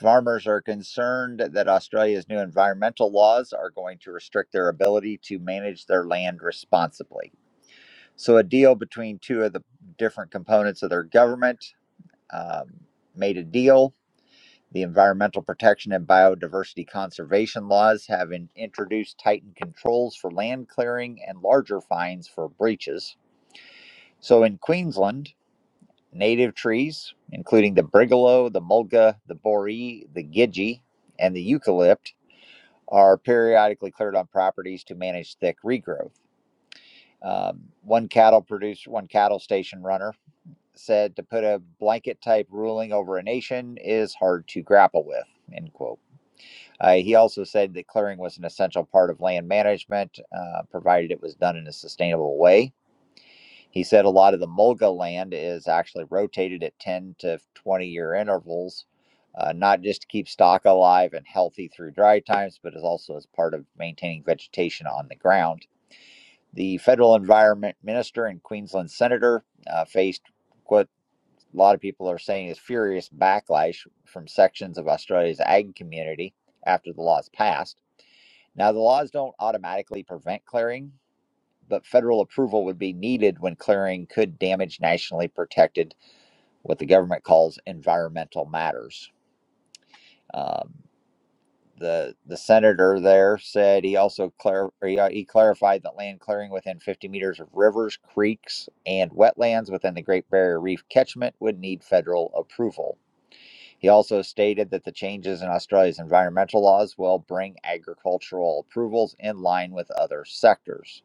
Speaker 2: Farmers are concerned that Australia's new environmental laws are going to restrict their ability to manage their land responsibly. So, a deal between two of the different components of their government um, made a deal. The Environmental Protection and Biodiversity Conservation laws have in- introduced tightened controls for land clearing and larger fines for breaches. So in Queensland, native trees, including the brigalow, the mulga, the boree, the gidgee, and the eucalypt, are periodically cleared on properties to manage thick regrowth. Um, one cattle producer, one cattle station runner said to put a blanket type ruling over a nation is hard to grapple with. End quote. Uh, he also said that clearing was an essential part of land management, uh, provided it was done in a sustainable way. He said a lot of the mulga land is actually rotated at 10 to 20 year intervals, uh, not just to keep stock alive and healthy through dry times, but is also as part of maintaining vegetation on the ground. The federal environment minister and Queensland senator uh, faced a lot of people are saying is furious backlash from sections of Australia's ag community after the laws passed. Now, the laws don't automatically prevent clearing, but federal approval would be needed when clearing could damage nationally protected, what the government calls environmental matters. Um, the, the senator there said he also clar- or he uh, he clarified that land clearing within 50 meters of rivers, creeks, and wetlands within the Great Barrier Reef catchment would need federal approval. He also stated that the changes in Australia's environmental laws will bring agricultural approvals in line with other sectors.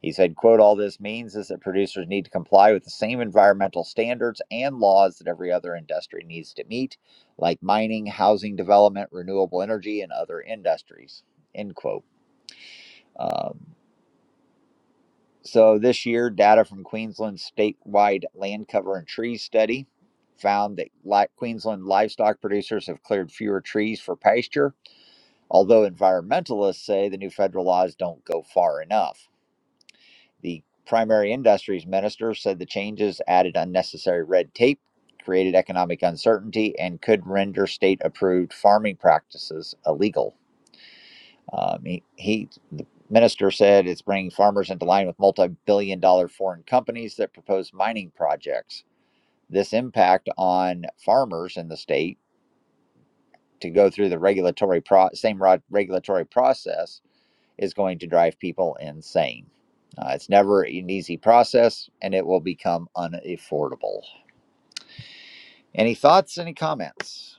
Speaker 2: He said, quote, all this means is that producers need to comply with the same environmental standards and laws that every other industry needs to meet, like mining, housing development, renewable energy, and other industries, end quote. Um, so this year, data from Queensland's statewide land cover and trees study found that li- Queensland livestock producers have cleared fewer trees for pasture, although environmentalists say the new federal laws don't go far enough. The primary industries minister said the changes added unnecessary red tape, created economic uncertainty, and could render state approved farming practices illegal. Um, he, he, the minister said it's bringing farmers into line with multi billion dollar foreign companies that propose mining projects. This impact on farmers in the state to go through the regulatory pro- same rod- regulatory process is going to drive people insane. Uh, it's never an easy process and it will become unaffordable. Any thoughts? Any comments?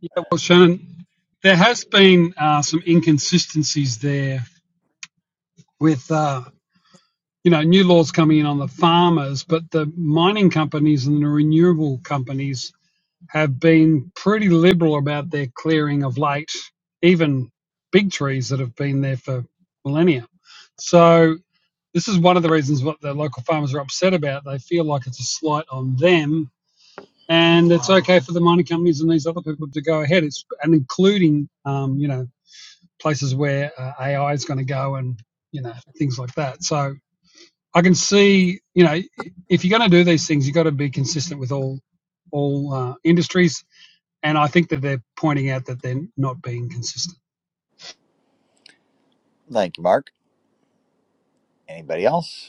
Speaker 3: Yeah, well, Shannon, there has been uh, some inconsistencies there with, uh, you know, new laws coming in on the farmers, but the mining companies and the renewable companies have been pretty liberal about their clearing of late, even big trees that have been there for millennia. So this is one of the reasons what the local farmers are upset about. They feel like it's a slight on them and it's okay for the mining companies and these other people to go ahead. It's and including um, you know places where uh, AI is going to go and you know things like that. So I can see you know if you're going to do these things, you've got to be consistent with all all uh, industries. And I think that they're pointing out that they're not being consistent.
Speaker 2: Thank you, Mark. Anybody else?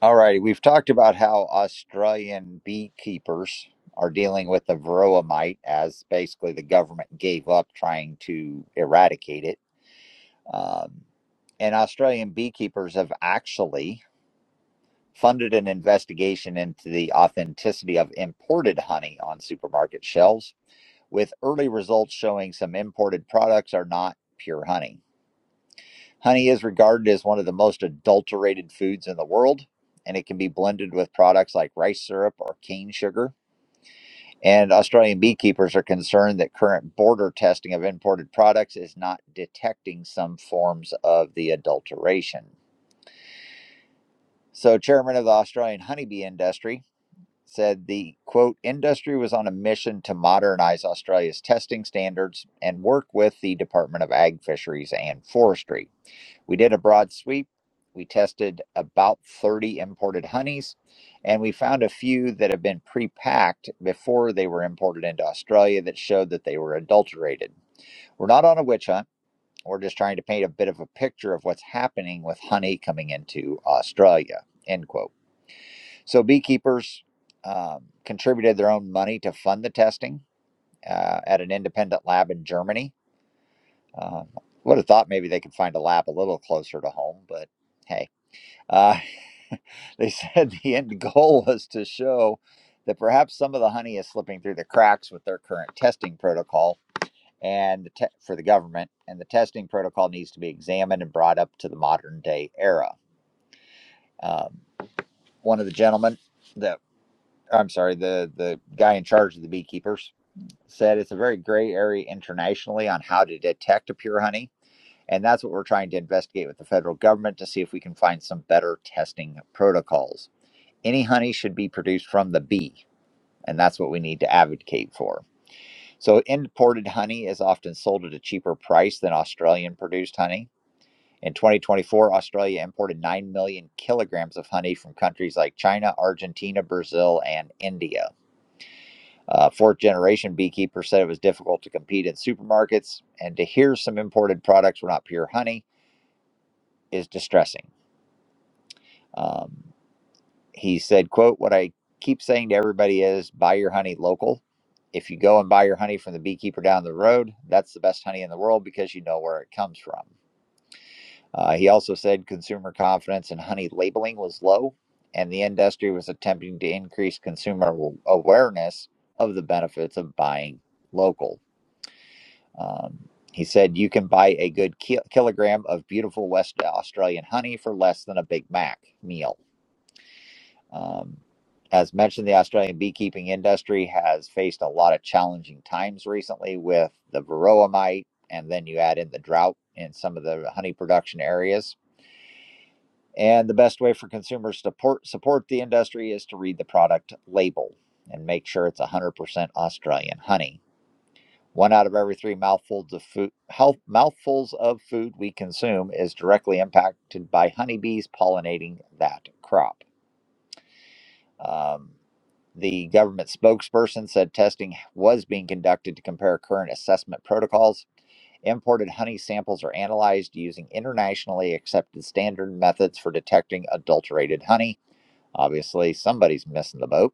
Speaker 2: All righty, we've talked about how Australian beekeepers are dealing with the varroa mite, as basically the government gave up trying to eradicate it. Um, and Australian beekeepers have actually funded an investigation into the authenticity of imported honey on supermarket shelves, with early results showing some imported products are not pure honey. Honey is regarded as one of the most adulterated foods in the world, and it can be blended with products like rice syrup or cane sugar. And Australian beekeepers are concerned that current border testing of imported products is not detecting some forms of the adulteration. So, chairman of the Australian honeybee industry said the quote industry was on a mission to modernize Australia's testing standards and work with the Department of Ag, Fisheries and Forestry We did a broad sweep. We tested about 30 imported honeys, and we found a few that have been pre packed before they were imported into Australia that showed that they were adulterated. We're not on a witch hunt. We're just trying to paint a bit of a picture of what's happening with honey coming into Australia. End quote. So beekeepers um, contributed their own money to fund the testing uh, at an independent lab in Germany. Um, would have thought maybe they could find a lab a little closer to home, but hey. Uh, [laughs] They said the end goal was to show that perhaps some of the honey is slipping through the cracks with their current testing protocol and the te- for the government, and the testing protocol needs to be examined and brought up to the modern day era. Um, one of the gentlemen, the I'm sorry, the the guy in charge of the beekeepers said it's a very gray area internationally on how to detect a pure honey. And that's what we're trying to investigate with the federal government to see if we can find some better testing protocols. any honey should be produced from the bee, and that's what we need to advocate for. So, imported honey is often sold at a cheaper price than Australian produced honey. In 2024, Australia imported 9 million kilograms of honey from countries like China, Argentina, Brazil, and India. Uh, fourth generation beekeeper said it was difficult to compete in supermarkets, and to hear some imported products were not pure honey is distressing. Um, he said, quote, what I keep saying to everybody is buy your honey local. If you go and buy your honey from the beekeeper down the road, that's the best honey in the world because you know where it comes from. Uh, he also said consumer confidence in honey labeling was low, and the industry was attempting to increase consumer awareness of the benefits of buying local. Um, he said you can buy a good ki- kilogram of beautiful West Australian honey for less than a Big Mac meal. Um, as mentioned, the Australian beekeeping industry has faced a lot of challenging times recently with the varroa mite, and then you add in the drought in some of the honey production areas. And the best way for consumers to support, support the industry is to read the product label and make sure it's 100% Australian honey. One out of every three mouthfuls of food, health, mouthfuls of food we consume is directly impacted by honeybees pollinating that crop. Um, the government spokesperson said testing was being conducted to compare current assessment protocols. Imported honey samples are analyzed using internationally accepted standard methods for detecting adulterated honey. Obviously, somebody's missing the boat.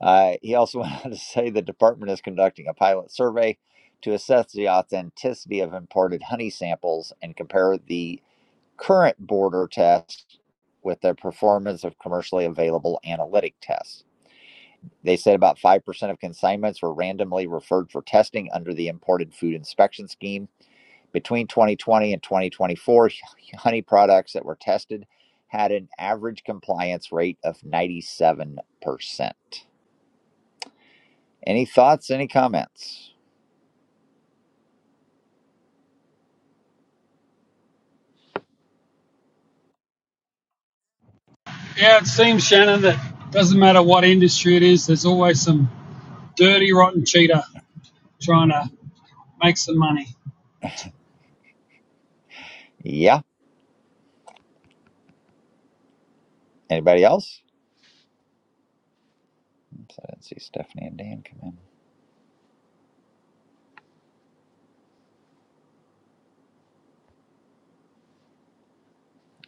Speaker 2: Uh, he also [laughs] went on to say the department is conducting a pilot survey to assess the authenticity of imported honey samples and compare the current border test with the performance of commercially available analytic tests. They said about 5% of consignments were randomly referred for testing under the imported food inspection scheme. Between 2020 and 2024, [laughs] honey products that were tested had an average compliance rate of 97%. Any thoughts, any comments?
Speaker 3: Yeah, it seems Shannon that doesn't matter what industry it is, there's always some dirty, rotten cheater trying to make some money.
Speaker 2: Yeah. Anybody else? Oops, I didn't see Stephanie and Dan come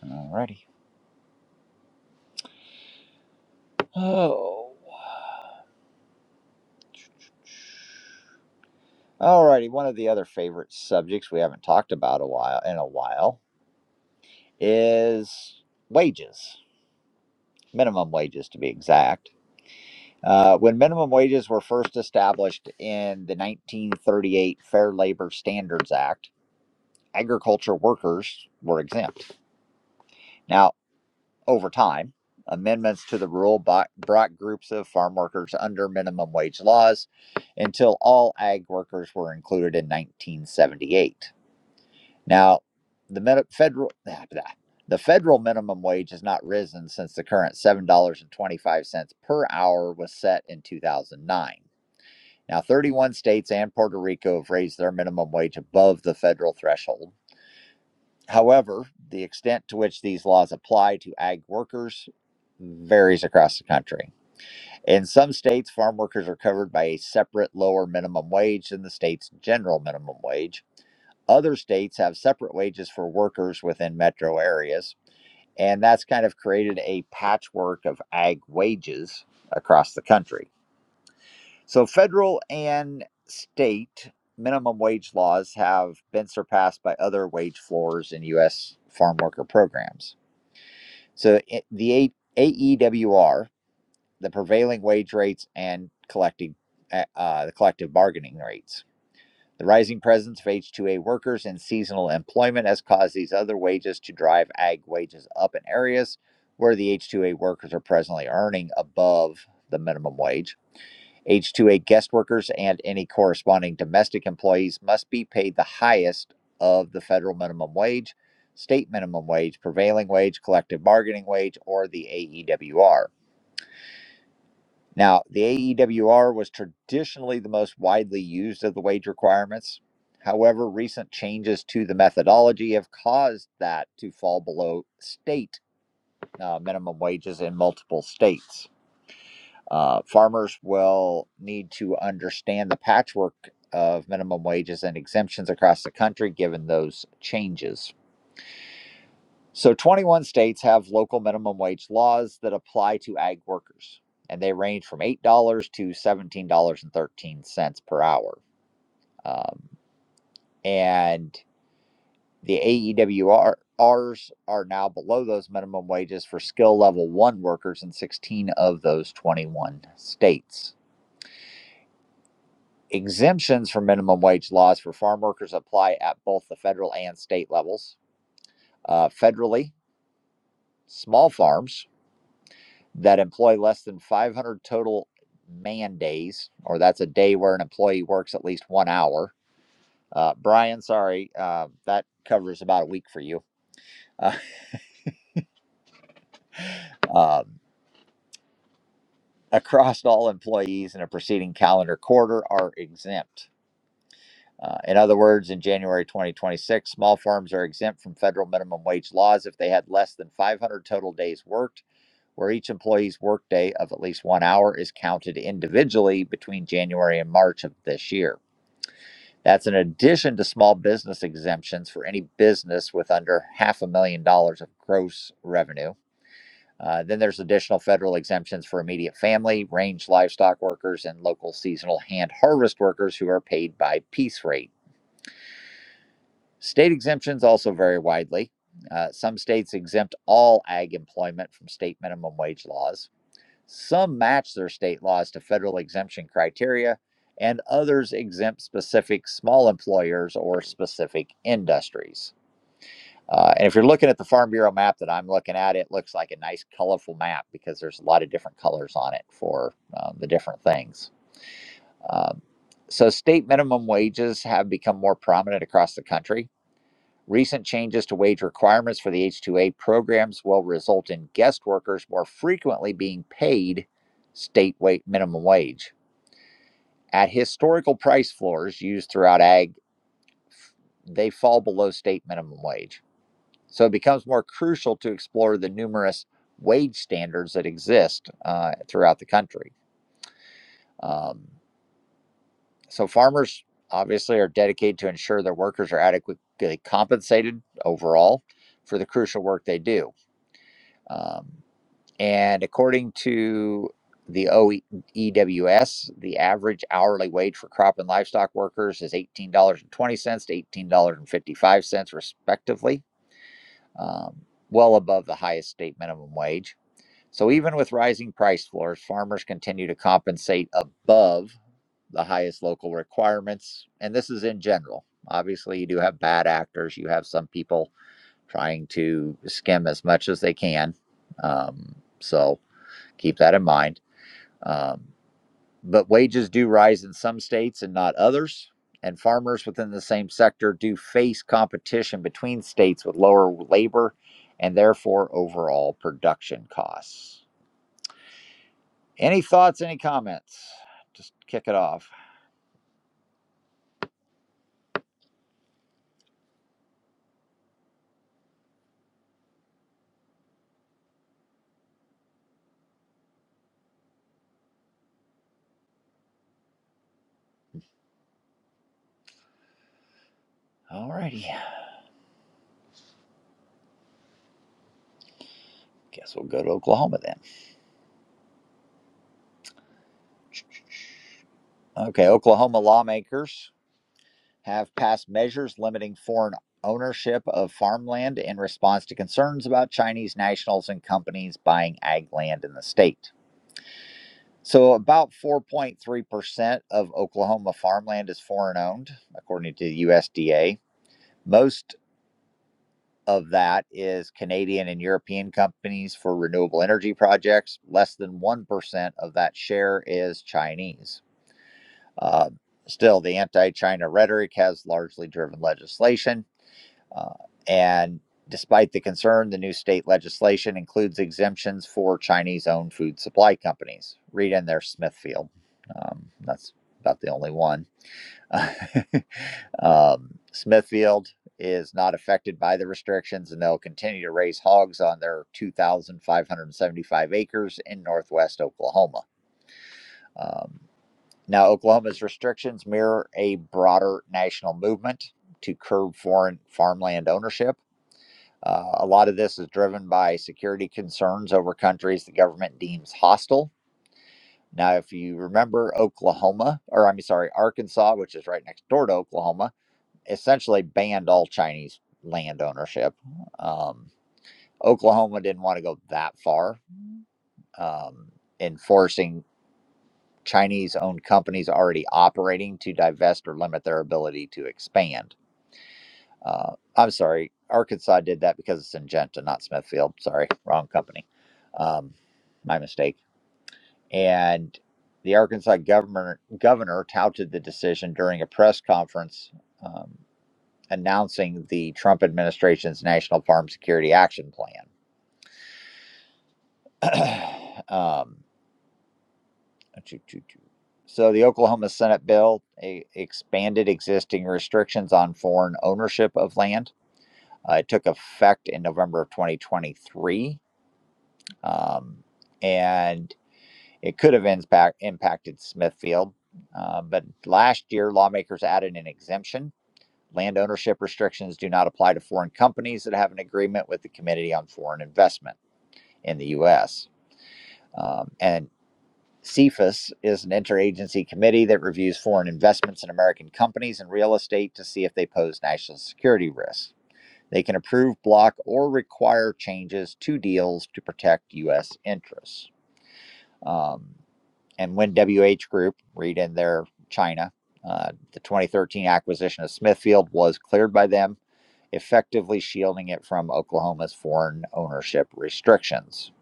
Speaker 2: in. Alrighty. Oh. Alrighty. One of the other favorite subjects we haven't talked about a while in a while is wages, minimum wages to be exact. Uh, when minimum wages were first established in the 1938 Fair Labor Standards Act, agriculture workers were exempt. Now, over time, amendments to the rule bo- brought groups of farm workers under minimum wage laws until all ag workers were included in 1978. Now, the federal [laughs] the federal minimum wage has not risen since the current seven dollars and twenty five cents per hour was set in two thousand nine. Now, thirty one states and Puerto Rico have raised their minimum wage above the federal threshold. However, the extent to which these laws apply to ag workers varies across the country. In some states, farm workers are covered by a separate lower minimum wage than the state's general minimum wage. Other states have separate wages for workers within metro areas, and that's kind of created a patchwork of ag wages across the country. So, federal and state minimum wage laws have been surpassed by other wage floors in U.S. farm worker programs. So, the AEWR, the prevailing wage rates, and collecting uh, uh, the collective bargaining rates. The rising presence of H2A workers in seasonal employment has caused these other wages to drive ag wages up in areas where the H2A workers are presently earning above the minimum wage. H2A guest workers and any corresponding domestic employees must be paid the highest of the federal minimum wage, state minimum wage, prevailing wage, collective bargaining wage, or the AEWR. Now, the AEWR was traditionally the most widely used of the wage requirements. However, recent changes to the methodology have caused that to fall below state uh, minimum wages in multiple states. Uh, farmers will need to understand the patchwork of minimum wages and exemptions across the country given those changes. So 21 states have local minimum wage laws that apply to ag workers, and they range from $8 to $17.13 per hour. Um, and the AEWRs are now below those minimum wages for skill level one workers in 16 of those 21 states. Exemptions from minimum wage laws for farm workers apply at both the federal and state levels. Uh, federally, small farms that employ less than 500 total man days, or that's a day where an employee works at least one hour. Uh, Brian, sorry, uh, that covers about a week for you. [laughs] Uh, um, across all employees in a preceding calendar quarter are exempt. Uh, in other words, in January 2026, small firms are exempt from federal minimum wage laws if they had less than 500 total days worked, where each employee's workday of at least one hour is counted individually between January and March of this year. That's in addition to small business exemptions for any business with under half a million dollars of gross revenue. Uh, then there's additional federal exemptions for immediate family, range livestock workers, and local seasonal hand harvest workers who are paid by piece rate. State exemptions also vary widely. Uh, some states exempt all ag employment from state minimum wage laws. Some match their state laws to federal exemption criteria, and others exempt specific small employers or specific industries. Uh, and if you're looking at the Farm Bureau map that I'm looking at, it looks like a nice, colorful map because there's a lot of different colors on it for um, the different things. Um, so, state minimum wages have become more prominent across the country. Recent changes to wage requirements for the H-2A programs will result in guest workers more frequently being paid state minimum wage. At historical price floors used throughout ag, they fall below state minimum wage. So it becomes more crucial to explore the numerous wage standards that exist uh, throughout the country. Um, so farmers obviously are dedicated to ensure their workers are adequately compensated overall for the crucial work they do. Um, And according to the OEWS, the average hourly wage for crop and livestock workers is $18.20 to $18.55, respectively, um, well above the highest state minimum wage. So, even with rising price floors, farmers continue to compensate above the highest local requirements. And this is in general. Obviously, you do have bad actors, you have some people trying to skim as much as they can. Um, so, Keep that in mind. Um, but wages do rise in some states and not others. And farmers within the same sector do face competition between states with lower labor and therefore overall production costs. Any thoughts, any comments? Just kick it off. Alrighty. Guess we'll go to Oklahoma then. Okay, Oklahoma lawmakers have passed measures limiting foreign ownership of farmland in response to concerns about Chinese nationals and companies buying ag land in the state. So, about 4.3% of Oklahoma farmland is foreign owned, according to the USDA. Most of that is Canadian and European companies for renewable energy projects. Less than 1% of that share is Chinese. Uh, still, the anti China rhetoric has largely driven legislation Uh, and despite the concern, the new state legislation includes exemptions for Chinese owned food supply companies. Read in there Smithfield. Um, that's about the only one. [laughs] um, Smithfield is not affected by the restrictions, and they'll continue to raise hogs on their 2,575 acres in northwest Oklahoma. Um, now, Oklahoma's restrictions mirror a broader national movement to curb foreign farmland ownership uh, a lot of this is driven by security concerns over countries the government deems hostile. Now, if you remember, Oklahoma, or I'm sorry, Arkansas, which is right next door to Oklahoma, essentially banned all Chinese land ownership. Um, Oklahoma didn't want to go that far um, enforcing Chinese owned companies already operating to divest or limit their ability to expand Uh, I'm sorry, Arkansas did that because it's Syngenta, not Smithfield. Sorry, wrong company. Um, my mistake. And the Arkansas governor governor touted the decision during a press conference um, announcing the Trump administration's National Farm Security Action Plan. [clears throat] um, choo- choo- choo. so the Oklahoma Senate bill eh, expanded existing restrictions on foreign ownership of land. Uh, it took effect in November of 2023. um, and it could have impact, impacted Smithfield. Uh, but last year, lawmakers added an exemption. Land ownership restrictions do not apply to foreign companies that have an agreement with the Committee on Foreign Investment in the U.S. Um, and CFIUS is an interagency committee that reviews foreign investments in American companies and real estate to see if they pose national security risks. They can approve, block, or require changes to deals to protect U.S. interests. Um, and when WH Group, read in their China, uh, the 2013 acquisition of Smithfield was cleared by them, effectively shielding it from Oklahoma's foreign ownership restrictions.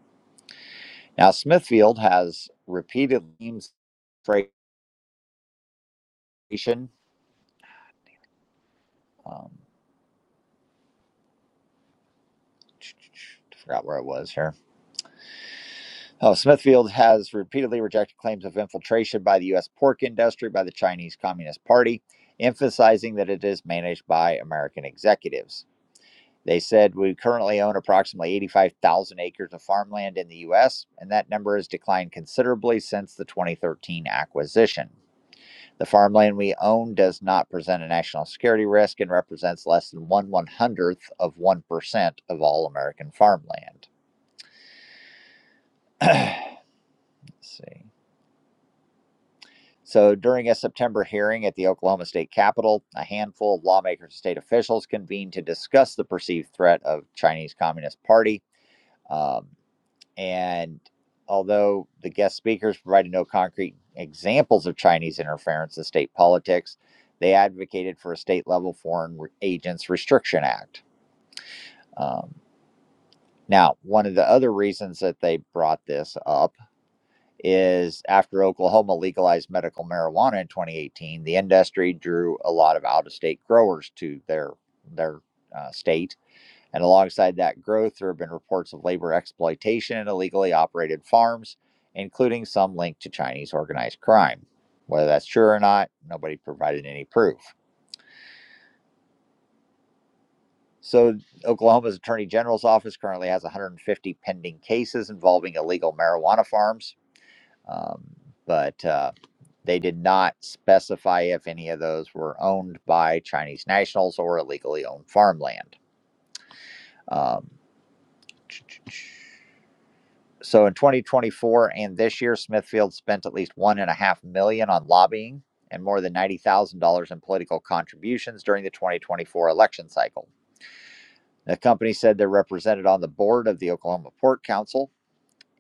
Speaker 2: Now, Smithfield has repeated claims registration, um, forgot where it was here. Oh, Smithfield has repeatedly rejected claims of infiltration by the U.S. pork industry by the Chinese Communist Party, emphasizing that it is managed by American executives. They said we currently own approximately 85,000 acres of farmland in the U.S., and that number has declined considerably since the 2013 acquisition. The farmland we own does not present a national security risk and represents less than one one hundredth of 1% of all American farmland. Let's see. So during a September hearing at the Oklahoma State Capitol, a handful of lawmakers and state officials convened to discuss the perceived threat of Chinese Communist Party. Um, And although the guest speakers provided no concrete examples of Chinese interference in state politics, they advocated for a state level Foreign Agents Restriction Act. Um, now, one of the other reasons that they brought this up is after Oklahoma legalized medical marijuana in 2018, the industry drew a lot of out of state growers to their, their uh, state and alongside that growth, there have been reports of labor exploitation and illegally operated farms, including some linked to Chinese organized crime. Whether that's true or not, nobody provided any proof. So, Oklahoma's Attorney General's office currently has 150 pending cases involving illegal marijuana farms, um, but uh, they did not specify if any of those were owned by Chinese nationals or illegally owned farmland. Um, So in 2024 and this year, Smithfield spent at least one and a half million on lobbying and more than ninety thousand dollars in political contributions during the 2024 election cycle. The company said they're represented on the board of the Oklahoma Port Council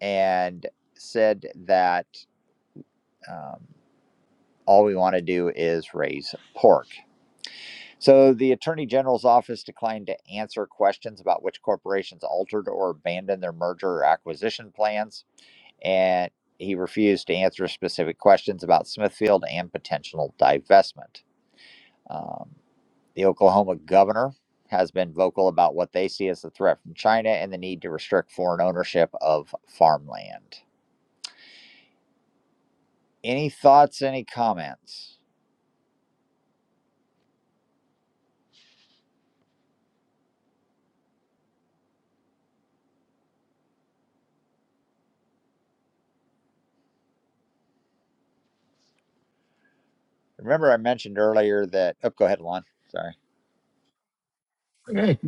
Speaker 2: and said that um, all we want to do is raise pork. So the Attorney General's office declined to answer questions about which corporations altered or abandoned their merger or acquisition plans. and he refused to answer specific questions about Smithfield and potential divestment. Um, the Oklahoma governor has been vocal about what they see as the threat from China and the need to restrict foreign ownership of farmland. Any thoughts, any comments? Remember, I mentioned earlier that, oh, go ahead, Lon. Sorry.
Speaker 5: Right.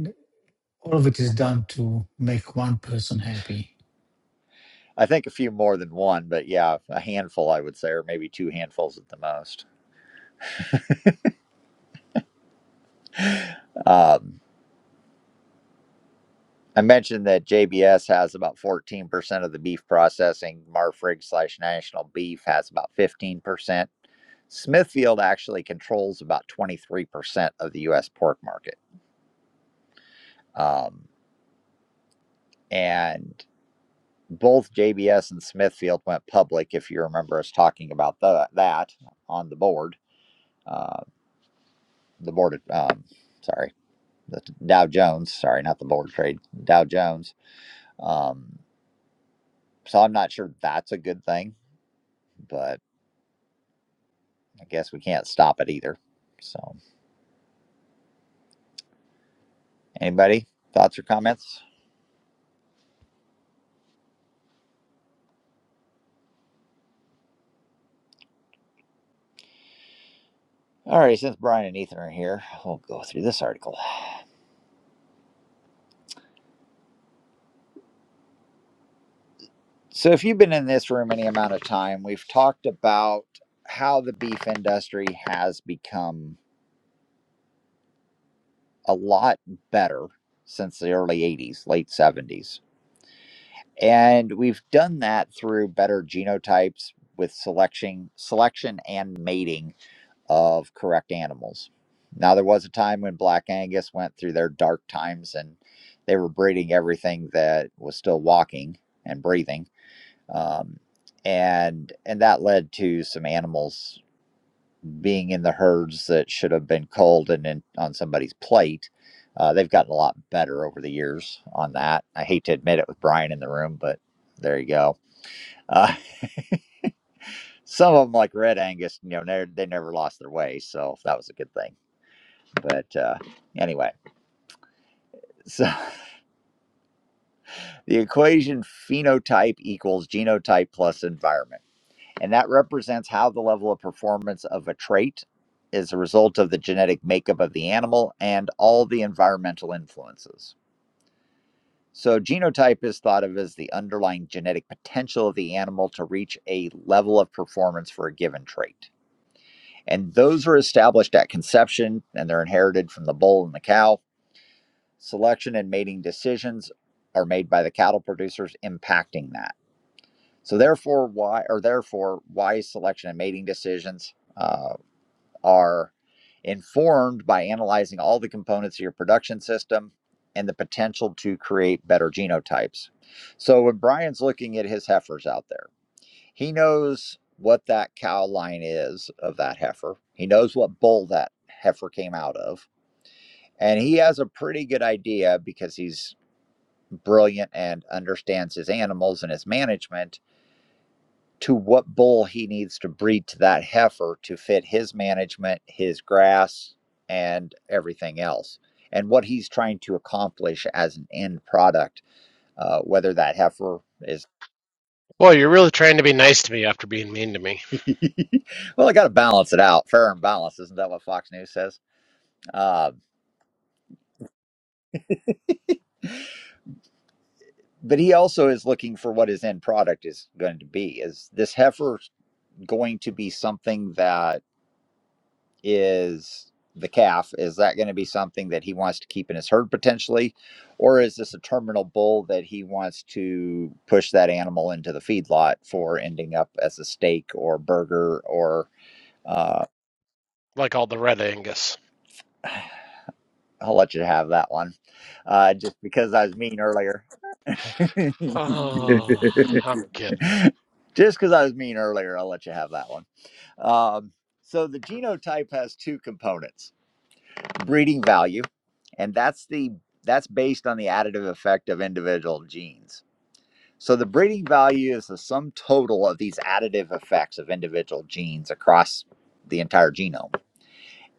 Speaker 5: All of it is done to make one person happy.
Speaker 2: I think a few more than one, but yeah, a handful, I would say, or maybe two handfuls at the most. Um, I mentioned that JBS has about 14% of the beef processing. Marfrig slash National Beef has about 15%. Smithfield actually controls about 23% of the U.S. pork market. Um, and both JBS and Smithfield went public, if you remember us talking about tha- that on the board, uh, the board, um, sorry, the Dow Jones, sorry, not the board trade, Dow Jones. Um, so I'm not sure that's a good thing, but. I guess we can't stop it either. So, anybody, thoughts or comments? All right, since Brian and Ethan are here, we'll go through this article. So, if you've been in this room any amount of time, we've talked about how the beef industry has become a lot better since the early 80s, late 70s. And we've done that through better genotypes with selection, selection and mating of correct animals. Now, there was a time when Black Angus went through their dark times and they were breeding everything that was still walking and breathing. Um, and and that led to some animals being in the herds that should have been culled and in, on somebody's plate. Uh, they've gotten a lot better over the years on that. I hate to admit it with Brian in the room, but there you go. Uh, [laughs] some of them, like Red Angus, you know, they they never lost their way, so that was a good thing But uh, anyway, so [laughs] the equation phenotype equals genotype plus environment. And that represents how the level of performance of a trait is a result of the genetic makeup of the animal and all the environmental influences. So, genotype is thought of as the underlying genetic potential of the animal to reach a level of performance for a given trait. And those are established at conception and they're inherited from the bull and the cow selection and mating decisions are made by the cattle producers impacting that. So therefore, why or therefore why selection and mating decisions uh, are informed by analyzing all the components of your production system and the potential to create better genotypes. So when Brian's looking at his heifers out there, he knows what that cow line is of that heifer. He knows what bull that heifer came out of and he has a pretty good idea because he's brilliant and understands his animals and his management to what bull he needs to breed to that heifer to fit his management, his grass, and everything else. And what he's trying to accomplish as an end product, uh, whether that heifer is,
Speaker 8: Boy, you're really trying to be nice to me after being mean to me,
Speaker 2: [laughs] well, I got to balance it out. Fair and balanced, isn't that what Fox News says? Uh, but he also is looking for what his end product is going to be. Is this heifer going to be something that is the calf is that going to be something that he wants to keep in his herd potentially or is this a terminal bull that he wants to push that animal into the feedlot for ending up as a steak or burger or uh
Speaker 8: like all the Red Angus. [sighs]
Speaker 2: i'll let you have that one uh just because i was mean earlier [laughs]
Speaker 8: Oh, I'm kidding.
Speaker 2: just because i was mean earlier i'll let you have that one um so the genotype has two components breeding value and that's the that's based on the additive effect of individual genes so the breeding value is the sum total of these additive effects of individual genes across the entire genome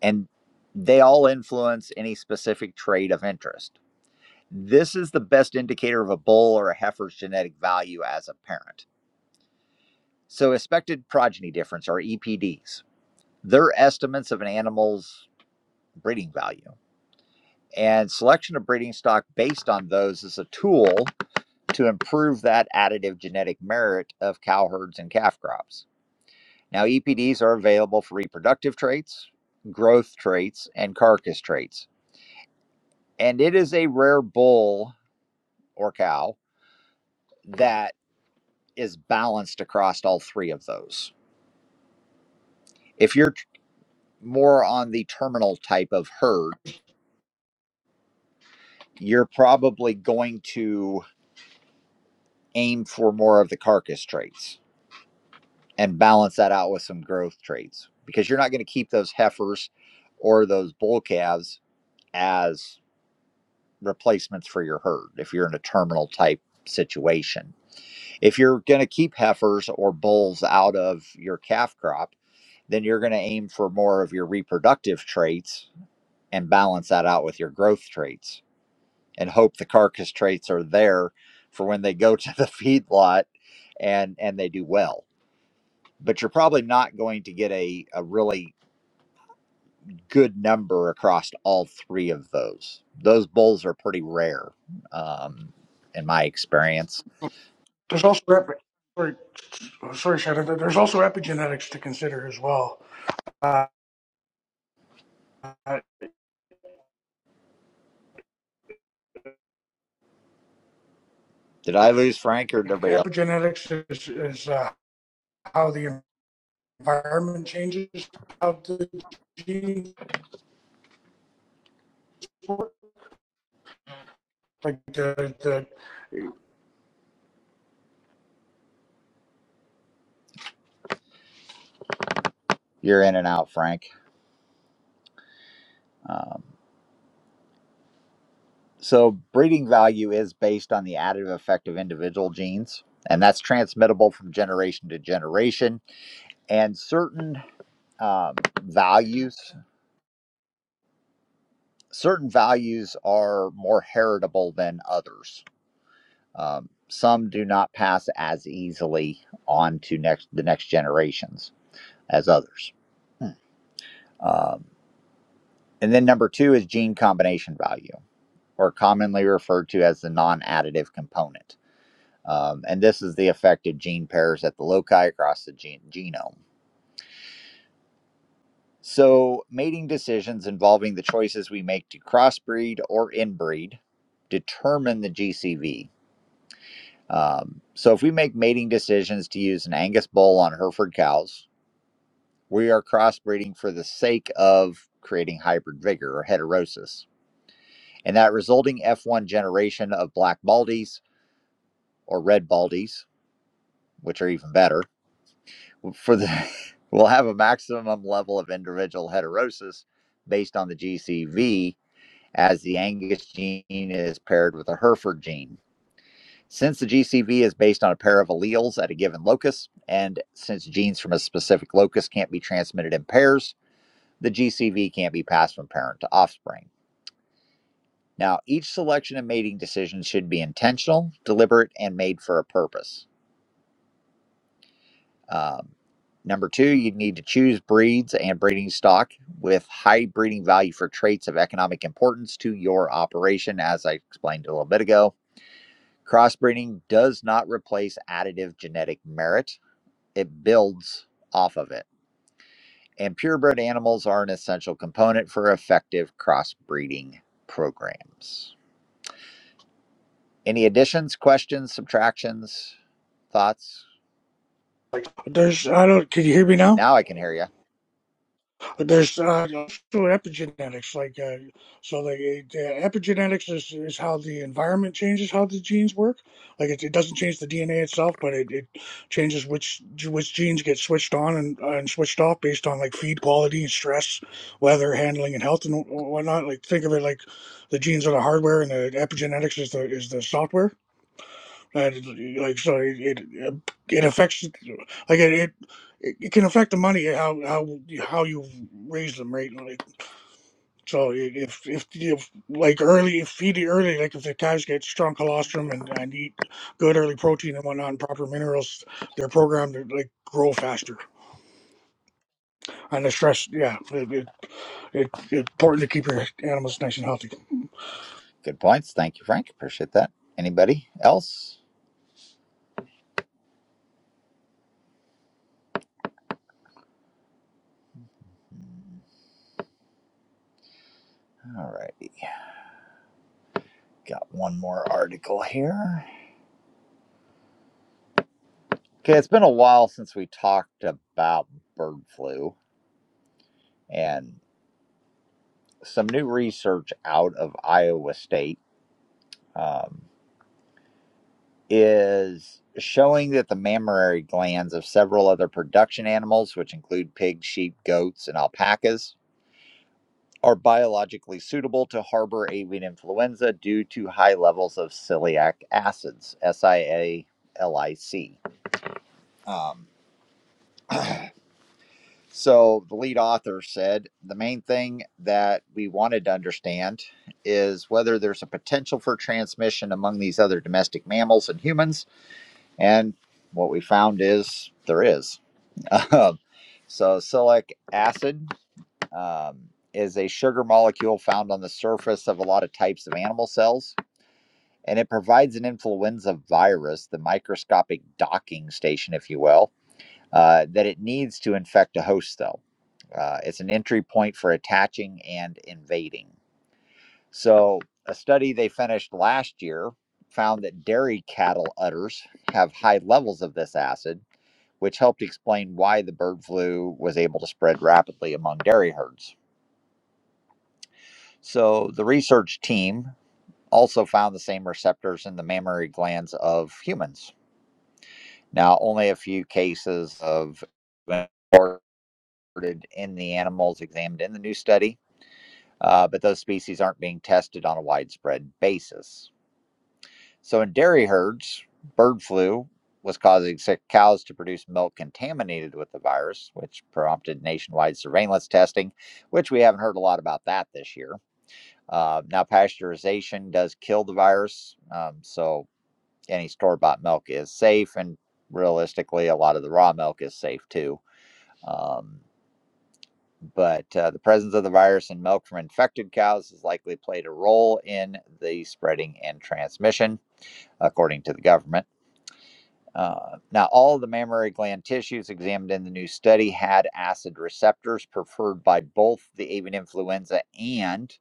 Speaker 2: and they all influence any specific trait of interest this is the best indicator of a bull or a heifer's genetic value as a parent so expected progeny difference or epds they're estimates of an animal's breeding value And selection of breeding stock based on those is a tool to improve that additive genetic merit of cow herds and calf crops. Now, EPDs are available for reproductive traits, growth traits, and carcass traits. And it is a rare bull or cow that is balanced across all three of those. If you're tr- more on the terminal type of herd, you're probably going to aim for more of the carcass traits and balance that out with some growth traits because you're not going to keep those heifers or those bull calves as replacements for your herd if you're in a terminal type situation. If you're going to keep heifers or bulls out of your calf crop, then you're going to aim for more of your reproductive traits and balance that out with your growth traits and hope the carcass traits are there for when they go [laughs] to the feedlot and and they do well but you're probably not going to get a, a really good number across all three of those. Those bulls are pretty rare, um, in my experience.
Speaker 11: There's also epi- sorry, sorry, Shadow. There's also epigenetics to consider as well. Uh,
Speaker 2: Did I lose Frank or did everybody else?
Speaker 11: epigenetics is, is uh, how the environment changes how the genes work. Like the, the
Speaker 2: You're in and out, Frank. Um, so breeding value is based on the additive effect of individual genes, and that's transmittable from generation to generation. And certain um, values, certain values are more heritable than others Um, some do not pass as easily on to next the next generations as others. Hmm. Um, and then number two is gene combination value, or commonly referred to as the non additive component. Um, and this is the effect of gene pairs at the loci across the gene- genome. So, mating decisions involving the choices we make to crossbreed or inbreed determine the GCV. Um, so, if we make mating decisions to use an Angus bull on Hereford cows, We are crossbreeding for the sake of creating hybrid vigor or heterosis. And that resulting F1 generation of black baldies or red baldies, which are even better, for the [laughs] will have a maximum level of individual heterosis based on the GCV as the Angus gene is paired with a Hereford gene. Since the GCV is based on a pair of alleles at a given locus, and since genes from a specific locus can't be transmitted in pairs, The GCV can't be passed from parent to offspring. Now, each selection and mating decision should be intentional, deliberate, and made for a purpose. Um, number two, you need to choose breeds and breeding stock with high breeding value for traits of economic importance to your operation, as I explained a little bit ago. Crossbreeding does not replace additive genetic merit, it builds off of it. And purebred animals are an essential component for effective crossbreeding programs. Any additions, questions, subtractions, thoughts?
Speaker 11: like. There's I don't. Can you hear me now?
Speaker 2: Now I can hear you.
Speaker 11: there's uh, epigenetics like uh, so the, the epigenetics is, is how the environment changes how the genes work like it, it doesn't change the dna itself but it, it changes which which genes get switched on and, uh, and switched off based on like feed quality and stress weather handling and health and whatnot like think of it like the genes are the hardware and the epigenetics is the is the software and it's, like so it it, it affects like it, it it can affect the money how how how you raise them right like so if if, if like early if feed it early like if the calves get strong colostrum and, and eat good early protein and whatnot and proper minerals they're programmed to like grow faster and the stress yeah it, it, it, it's important to keep your animals nice and healthy
Speaker 2: Good points. Thank you, Frank. Appreciate that. Anybody else? Hmm, All right. Got one more article here. Okay, it's been a while since we talked about bird flu and some new research out of Iowa State um, is showing that the mammary glands of several other production animals, which include pigs, sheep, goats, and alpacas, are biologically suitable to harbor avian influenza due to high levels of celiac acids, S I A L I C. Um, so the lead author said the main thing that we wanted to understand is whether there's a potential for transmission among these other domestic mammals and humans. And what we found is there is. [laughs] so celiac acid um, is a sugar molecule found on the surface of a lot of types of animal cells and it provides an influenza virus, the microscopic docking station, if you will, uh, that it needs to infect a host cell. Uh, it's an entry point for attaching and invading. So, a study they finished last year found that dairy cattle udders have high levels of this acid, which helped explain why the bird flu was able to spread rapidly among dairy herds. So, the research team also found the same receptors in the mammary glands of humans. Now, only a few cases of reported in the animals examined in the new study, uh, but those species aren't being tested on a widespread basis. So, in dairy herds, bird flu was causing sick cows to produce milk contaminated with the virus, which prompted nationwide surveillance testing, which we haven't heard a lot about that this year. Uh, now, pasteurization does kill the virus, um, so any store bought milk is safe, and realistically, a lot of the raw milk is safe too. Um, but uh, the presence of the virus in milk from infected cows has likely played a role in the spreading and transmission, according to the government. Uh, now, all of the mammary gland tissues examined in the new study had acid receptors preferred by both the avian influenza and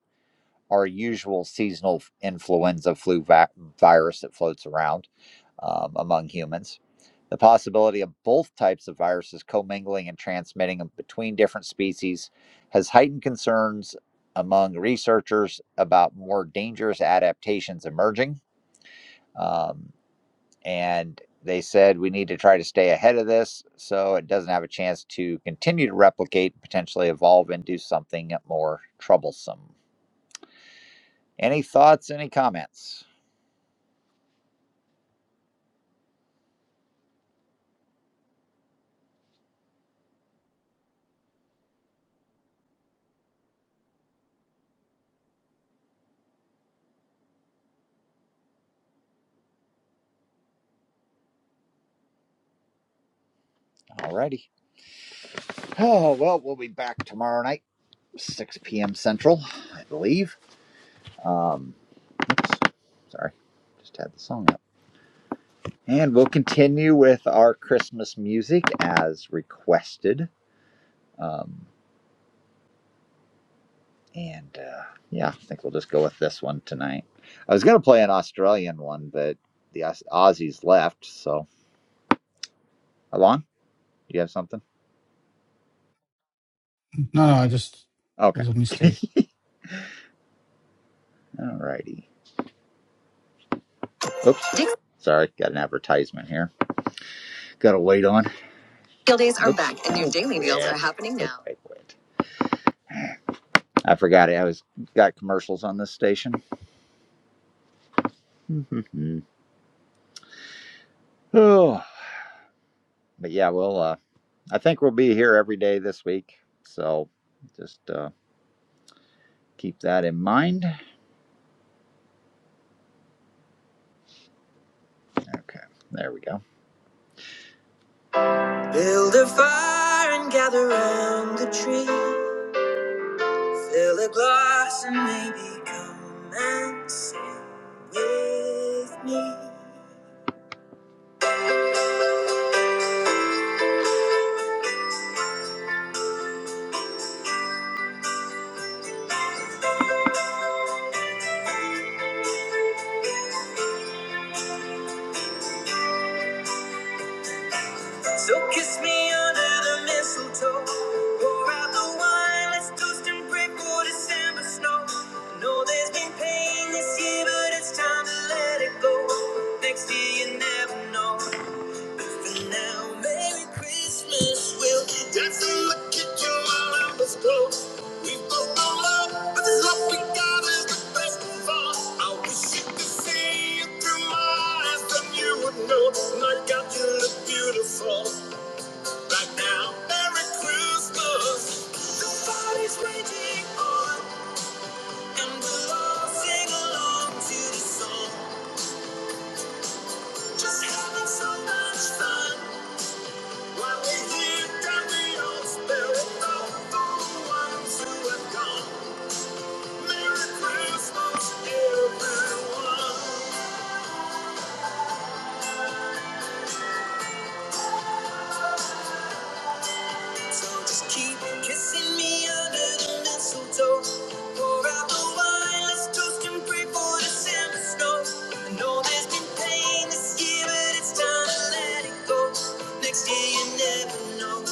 Speaker 2: our usual seasonal influenza flu va- virus that floats around um, among humans. The possibility of both types of viruses commingling and transmitting between different species has heightened concerns among researchers about more dangerous adaptations emerging. Um, and they said we need to try to stay ahead of this so it doesn't have a chance to continue to replicate, and potentially evolve into something more troublesome. Any thoughts, any comments? Alrighty. Oh, [sighs] well, we'll be back tomorrow night. 6 p.m. Central, I believe. Um, sorry, just had the song up. And we'll continue with our Christmas music as requested. Um, and uh, yeah, I think we'll just go with this one tonight. I was going to play an Australian one, but the Aus- Aussies left. So, Alon, do you have something?
Speaker 5: No, no, I just it
Speaker 2: Okay.
Speaker 5: was a
Speaker 2: [laughs]
Speaker 5: mistake.
Speaker 2: Alrighty. Oops. Sorry, got an advertisement here. Got to wait on. These are Oops. back, and your daily deals are happening now. Wait, wait, wait. I forgot it. I was got commercials on this station. [laughs] oh, but yeah, we'll. Uh, I think we'll be here every day this week. So just uh, keep that in mind. Okay, there we go. So kiss me under the mistletoe. Pour out the wine. Let's toast and pray for December snow. I know there's been pain this year, but it's time to let it go. Next year you never know. And now, Merry Christmas. We'll keep dancing, look at your while numbers glow. We both know love, but the love we got is the best I wish you could see it through my eyes, then you would know. And I you look beautiful right now. Merry Christmas. The party's raging and we'll all sing along to the song. Just having so much fun. So just keep kissing me under the mistletoe. Pour out the wine, let's toast and pray for December snow. I know there's been pain this year, but it's time to let it go. Next year you never know.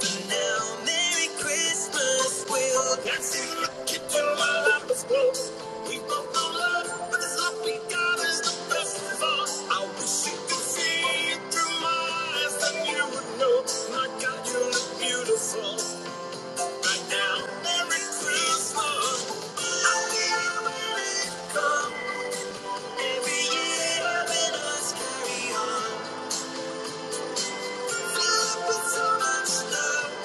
Speaker 2: Now, Merry Christmas, we Will. dance in the kitchen while my life was close. We both know love, but this love we got is the best of us. I wish you could see it through my eyes, then you would know. My God, you look beautiful. Right now, Merry Christmas. I feel where it come. Every year, having us carry on. Filled with so much love.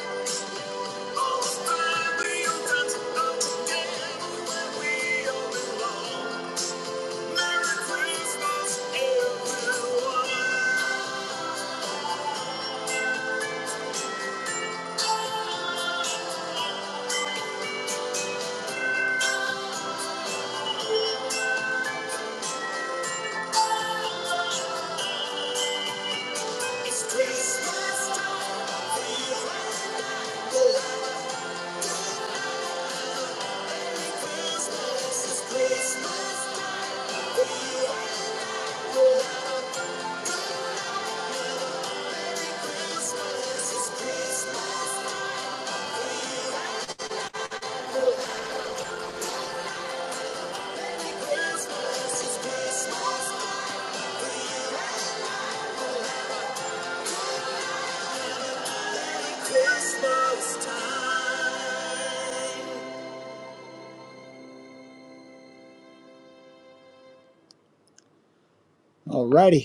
Speaker 2: Alrighty.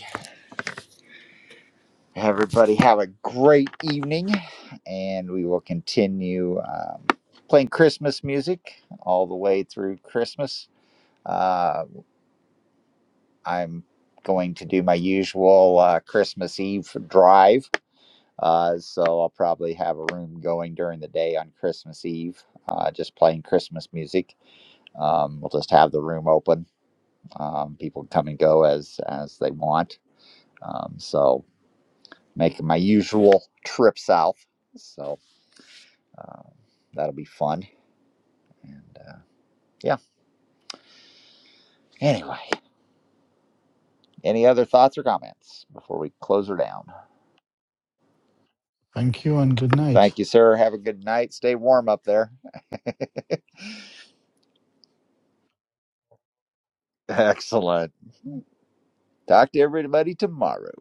Speaker 2: Hey, Everybody have a great evening, and we will continue um, playing Christmas music all the way through Christmas. Uh, I'm going to do my usual uh, Christmas Eve drive, uh, so I'll probably have a room going during the day on Christmas Eve, uh, just playing Christmas music. Um, we'll just have the room open. Um, people come and go as as they want. Um, so making my usual trip south. So. Um, that'll be fun. And uh, yeah, anyway, any other thoughts or comments before we close her down?
Speaker 5: Thank you and good night.
Speaker 2: Thank you, sir. Have a good night. Stay warm up there. Excellent. Talk to everybody tomorrow.